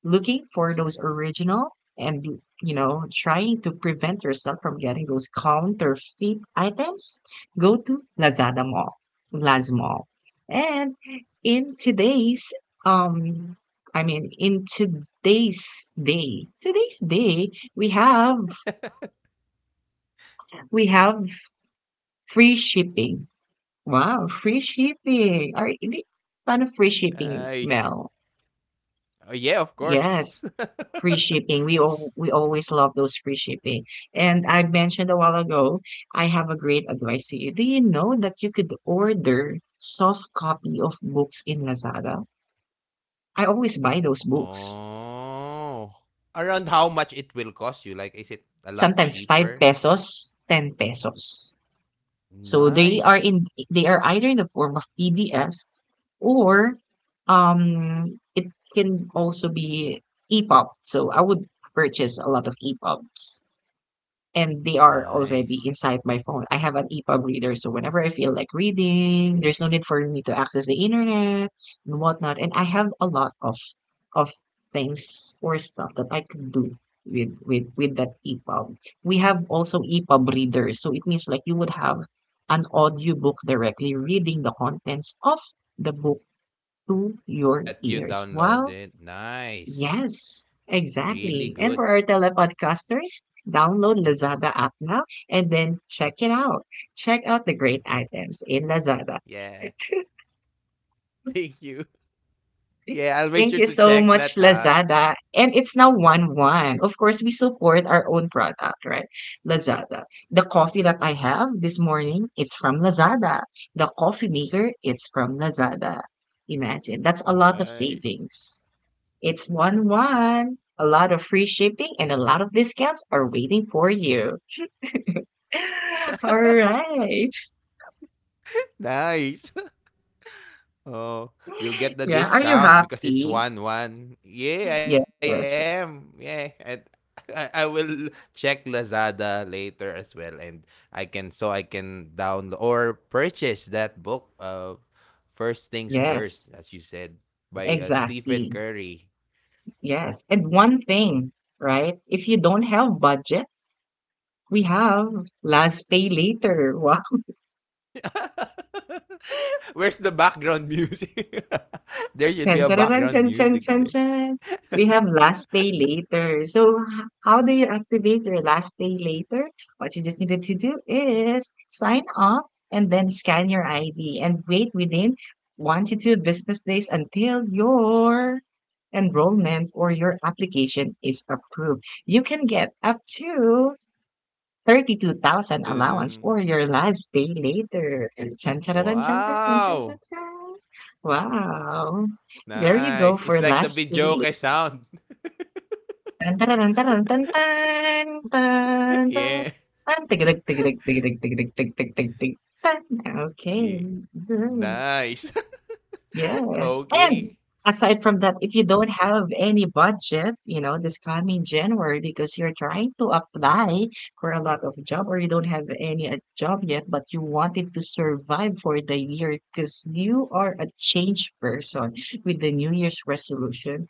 [SPEAKER 1] Looking for those original, and, you know, trying to prevent yourself from getting those counterfeit items, go to Lazada Mall, Laz Mall. And in today's, um I mean, in today's day, we have we have free shipping. Wow, free shipping, are paano free shipping,
[SPEAKER 2] Nice.
[SPEAKER 1] mel.
[SPEAKER 2] Oh, yeah, of course.
[SPEAKER 1] Yes, free shipping. We always love those free shipping. And I mentioned a while ago, I have a great advice to you. Do you know that you could order soft copy of books in Lazada? I always buy those books.
[SPEAKER 2] Oh. Around how much it will cost you? Like, is it a lot
[SPEAKER 1] Sometimes five
[SPEAKER 2] cheaper?
[SPEAKER 1] pesos, 10 pesos. So they are
[SPEAKER 2] Nice.
[SPEAKER 1] in they are either in the form of PDF, or it can also be EPUB. So I would purchase a lot of EPUBs. And they are already
[SPEAKER 2] Nice.
[SPEAKER 1] inside my phone. I have an EPUB reader, so whenever I feel like reading, there's no need for me to access the internet and whatnot. And I have a lot of things or stuff that I could do with that EPUB. We have also EPUB readers, so it means like you would have an audiobook directly reading the contents of the book to your
[SPEAKER 2] That you
[SPEAKER 1] ears while.
[SPEAKER 2] downloaded. Nice.
[SPEAKER 1] Yes,
[SPEAKER 2] Really
[SPEAKER 1] exactly. And for
[SPEAKER 2] good.
[SPEAKER 1] our telepodcasters, download Lazada app now, and then check it out. Check out the great items in Lazada.
[SPEAKER 2] Yeah. Thank you. Yeah, I'll make
[SPEAKER 1] Thank
[SPEAKER 2] sure
[SPEAKER 1] you
[SPEAKER 2] to
[SPEAKER 1] so
[SPEAKER 2] check
[SPEAKER 1] much,
[SPEAKER 2] that out.
[SPEAKER 1] Lazada. And it's now 1 1. Of course, we support our own product, right? Lazada. The coffee that I have this morning, it's from Lazada. The coffee maker, it's from Lazada. Imagine. That's a lot of
[SPEAKER 2] Nice.
[SPEAKER 1] savings. It's 1
[SPEAKER 2] Yeah.
[SPEAKER 1] 1. A lot of free shipping and a lot of discounts are waiting for you. All right.
[SPEAKER 2] Nice. Oh, we'll get the
[SPEAKER 1] Yeah. Are you
[SPEAKER 2] discount because it's
[SPEAKER 1] happy?
[SPEAKER 2] one one. Yeah, I
[SPEAKER 1] Yes.
[SPEAKER 2] am. Yeah, and I will check Lazada later as well, and I can, so I can download or purchase that book. First things
[SPEAKER 1] Yes.
[SPEAKER 2] first, as you said, by
[SPEAKER 1] Exactly.
[SPEAKER 2] Stephen Curry.
[SPEAKER 1] Yes. And one thing, right? If you don't have budget, we have last pay later. Wow.
[SPEAKER 2] Where's the background music? There should be
[SPEAKER 1] Ten,
[SPEAKER 2] a
[SPEAKER 1] tararán,
[SPEAKER 2] background
[SPEAKER 1] chan, chan,
[SPEAKER 2] music
[SPEAKER 1] chan,
[SPEAKER 2] there.
[SPEAKER 1] chan, chan. We have last pay later. So, how do you activate your last pay later? What you just needed to do is sign up, and then scan your ID and wait within 1 to 2 business days until your enrollment or your application is approved. You can get up to 32,000 allowance
[SPEAKER 2] Dun-dun-dun.
[SPEAKER 1] for your last day later. And chan chan chan chan chan chan chan
[SPEAKER 2] Wow,
[SPEAKER 1] chan chan. Wow. There you go
[SPEAKER 2] nice. It's
[SPEAKER 1] for
[SPEAKER 2] like the
[SPEAKER 1] last day
[SPEAKER 2] Bijoke
[SPEAKER 1] later.
[SPEAKER 2] sound.
[SPEAKER 1] Tan tan tan tan tan tan tan.
[SPEAKER 2] Yeah.
[SPEAKER 1] Tan tigidig tigidig tigidig tigidig tig tig tig tig, tig tig. Tan. Okay.
[SPEAKER 2] Yeah. Nice.
[SPEAKER 1] Yes. And
[SPEAKER 2] Okay.
[SPEAKER 1] aside from that, if you don't have any budget, you know, this coming January, because you're trying to apply for a lot of job, or you don't have any job yet, but you wanted to survive for the year because you are a changed person with the New Year's resolution.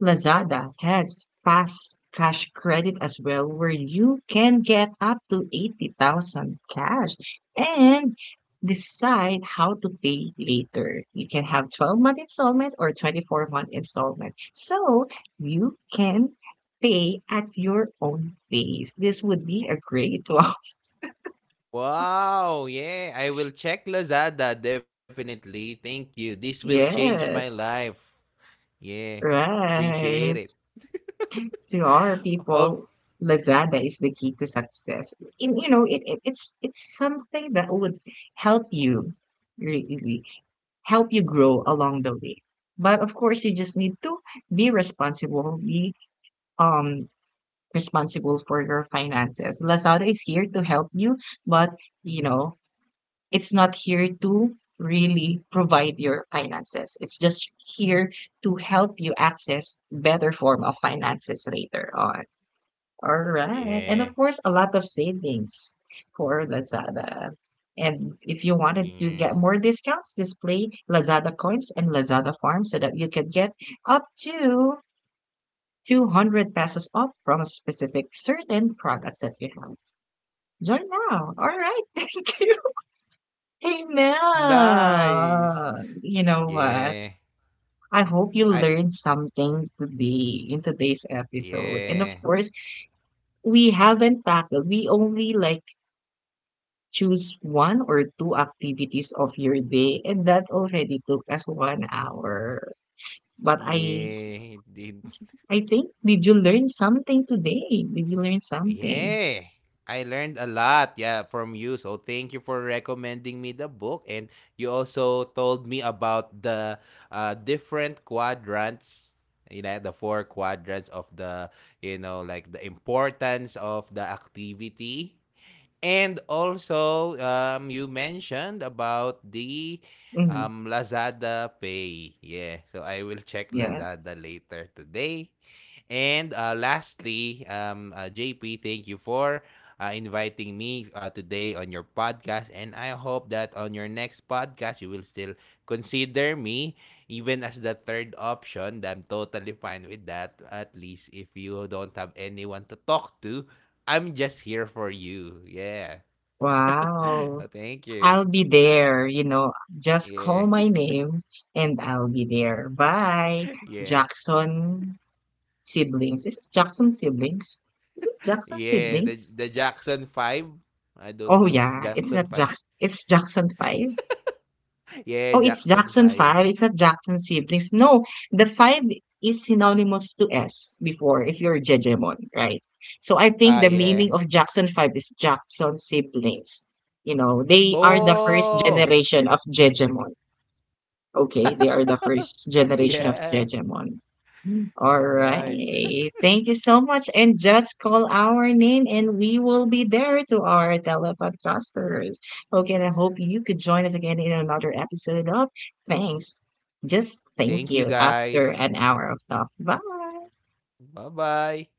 [SPEAKER 1] Lazada has fast cash credit as well, where you can get up to 80,000 cash and decide how to pay later. You can have 12-month installment or 24-month installment. So you can pay at your own pace. This would be a great one.
[SPEAKER 2] Wow. Yeah. I will check Lazada definitely. Thank you. This will change my
[SPEAKER 1] Yes,
[SPEAKER 2] life. Yeah. Appreciate
[SPEAKER 1] right.
[SPEAKER 2] it.
[SPEAKER 1] To our
[SPEAKER 2] Oh,
[SPEAKER 1] people, Lazada is the key to success. In you know, it it's something that would help you, really help you grow along the way. But of course, you just need to be responsible. Be um responsible for your finances. Lazada is here to help you, but, you know, it's not here to really provide your finances. It's just here to help you access better form of finances later on. All right. And
[SPEAKER 2] yeah.
[SPEAKER 1] of course, a lot of savings for Lazada. And if you wanted to
[SPEAKER 2] Yeah.
[SPEAKER 1] get more discounts, display Lazada coins and Lazada farms so that you could get up to 200 pesos off from specific certain products that you have. Join now. All right. Thank you. Amen.
[SPEAKER 2] Nice.
[SPEAKER 1] You know what?
[SPEAKER 2] Yeah.
[SPEAKER 1] I hope you
[SPEAKER 2] I
[SPEAKER 1] learned something today in today's episode. And of
[SPEAKER 2] yeah.
[SPEAKER 1] course, we haven't tackled, we only like. Choose one or two activities of your day, and that already took us 1 hour. But I, s-
[SPEAKER 2] Yeah. It,
[SPEAKER 1] I think, did you learn something today? Did you learn something?
[SPEAKER 2] yeah, I learned a lot, yeah, from you. So thank you for recommending me the book, and you also told me about the different quadrants. You know, the four quadrants of the, you know, like the importance of the activity, and also you mentioned about the
[SPEAKER 1] Hmm.
[SPEAKER 2] Lazada Pay. Yeah, so I will check
[SPEAKER 1] Yes.
[SPEAKER 2] Lazada later today. And lastly, JP, thank you for inviting me today on your podcast. And I hope that on your next podcast, you will still consider me even as the third option. I'm totally fine with that. At least if you don't have anyone to talk to, I'm just here for you. Yeah.
[SPEAKER 1] Wow.
[SPEAKER 2] Thank you.
[SPEAKER 1] I'll be there. You know, just call my name and I'll be there. Bye.
[SPEAKER 2] Yeah.
[SPEAKER 1] Jackson siblings. Is it Jackson siblings? Is it Jackson
[SPEAKER 2] Yeah,
[SPEAKER 1] siblings?
[SPEAKER 2] the Jackson 5. I don't
[SPEAKER 1] Oh
[SPEAKER 2] know.
[SPEAKER 1] yeah, it's
[SPEAKER 2] Jackson
[SPEAKER 1] not
[SPEAKER 2] 5.
[SPEAKER 1] Jackson. It's Jackson Five.
[SPEAKER 2] Yeah,
[SPEAKER 1] Oh, it's
[SPEAKER 2] Jackson
[SPEAKER 1] Jackson
[SPEAKER 2] 5.
[SPEAKER 1] 5. It's not Jackson siblings. No, the 5 is synonymous to S before if you're Jejemon, right? So I think
[SPEAKER 2] Ah,
[SPEAKER 1] the meaning
[SPEAKER 2] yeah.
[SPEAKER 1] of Jackson 5 is Jackson siblings. You know, they are the first
[SPEAKER 2] Oh.
[SPEAKER 1] generation of Jejemon. Okay, they are the first generation of
[SPEAKER 2] Yeah.
[SPEAKER 1] Jejemon. Mm. All
[SPEAKER 2] Nice.
[SPEAKER 1] right. Thank you so much. And just call our name and we will be there to our telepodcasters. Okay, and I hope you could join us again in another episode of. Thanks. Just
[SPEAKER 2] Thank
[SPEAKER 1] thank
[SPEAKER 2] you,
[SPEAKER 1] you after
[SPEAKER 2] guys.
[SPEAKER 1] an hour of talk. Bye.
[SPEAKER 2] Bye-bye.